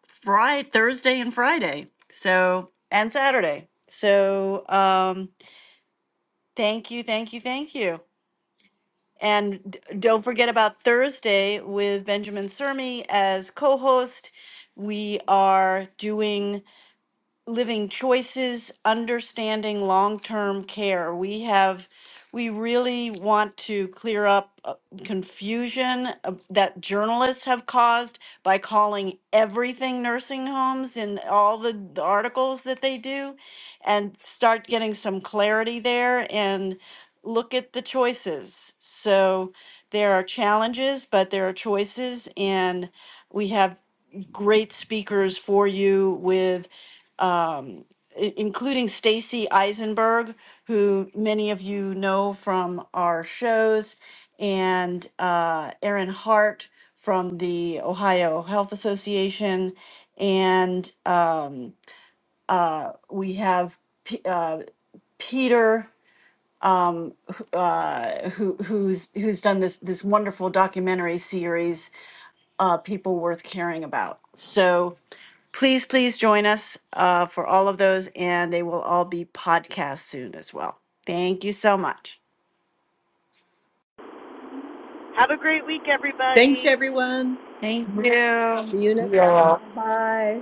B: Friday, Thursday and Friday. So, and Saturday. So, um, thank you, thank you, thank you. And d- don't forget about Thursday with Benjamin Sermi as co host. We are doing living choices, understanding long-term care. We have, we really want to clear up uh, confusion uh, that journalists have caused by calling everything nursing homes in all the, the articles that they do and start getting some clarity there and look at the choices. So there are challenges, but there are choices and we have great speakers for you with um, i- including Stacy Eisenberg, who many of you know from our shows, and uh, Aaron Hart from the Ohio Health Association. And um, uh, we have P- uh, Peter, um, wh- uh, who, who's, who's done this, this wonderful documentary series, uh, People Worth Caring About. So Please, please join us uh, for all of those, and they will all be podcast soon as well. Thank you so much.
C: Have a great week,
A: Thanks,
C: everybody.
A: everyone.
B: Thank you.
D: See you next time. Bye.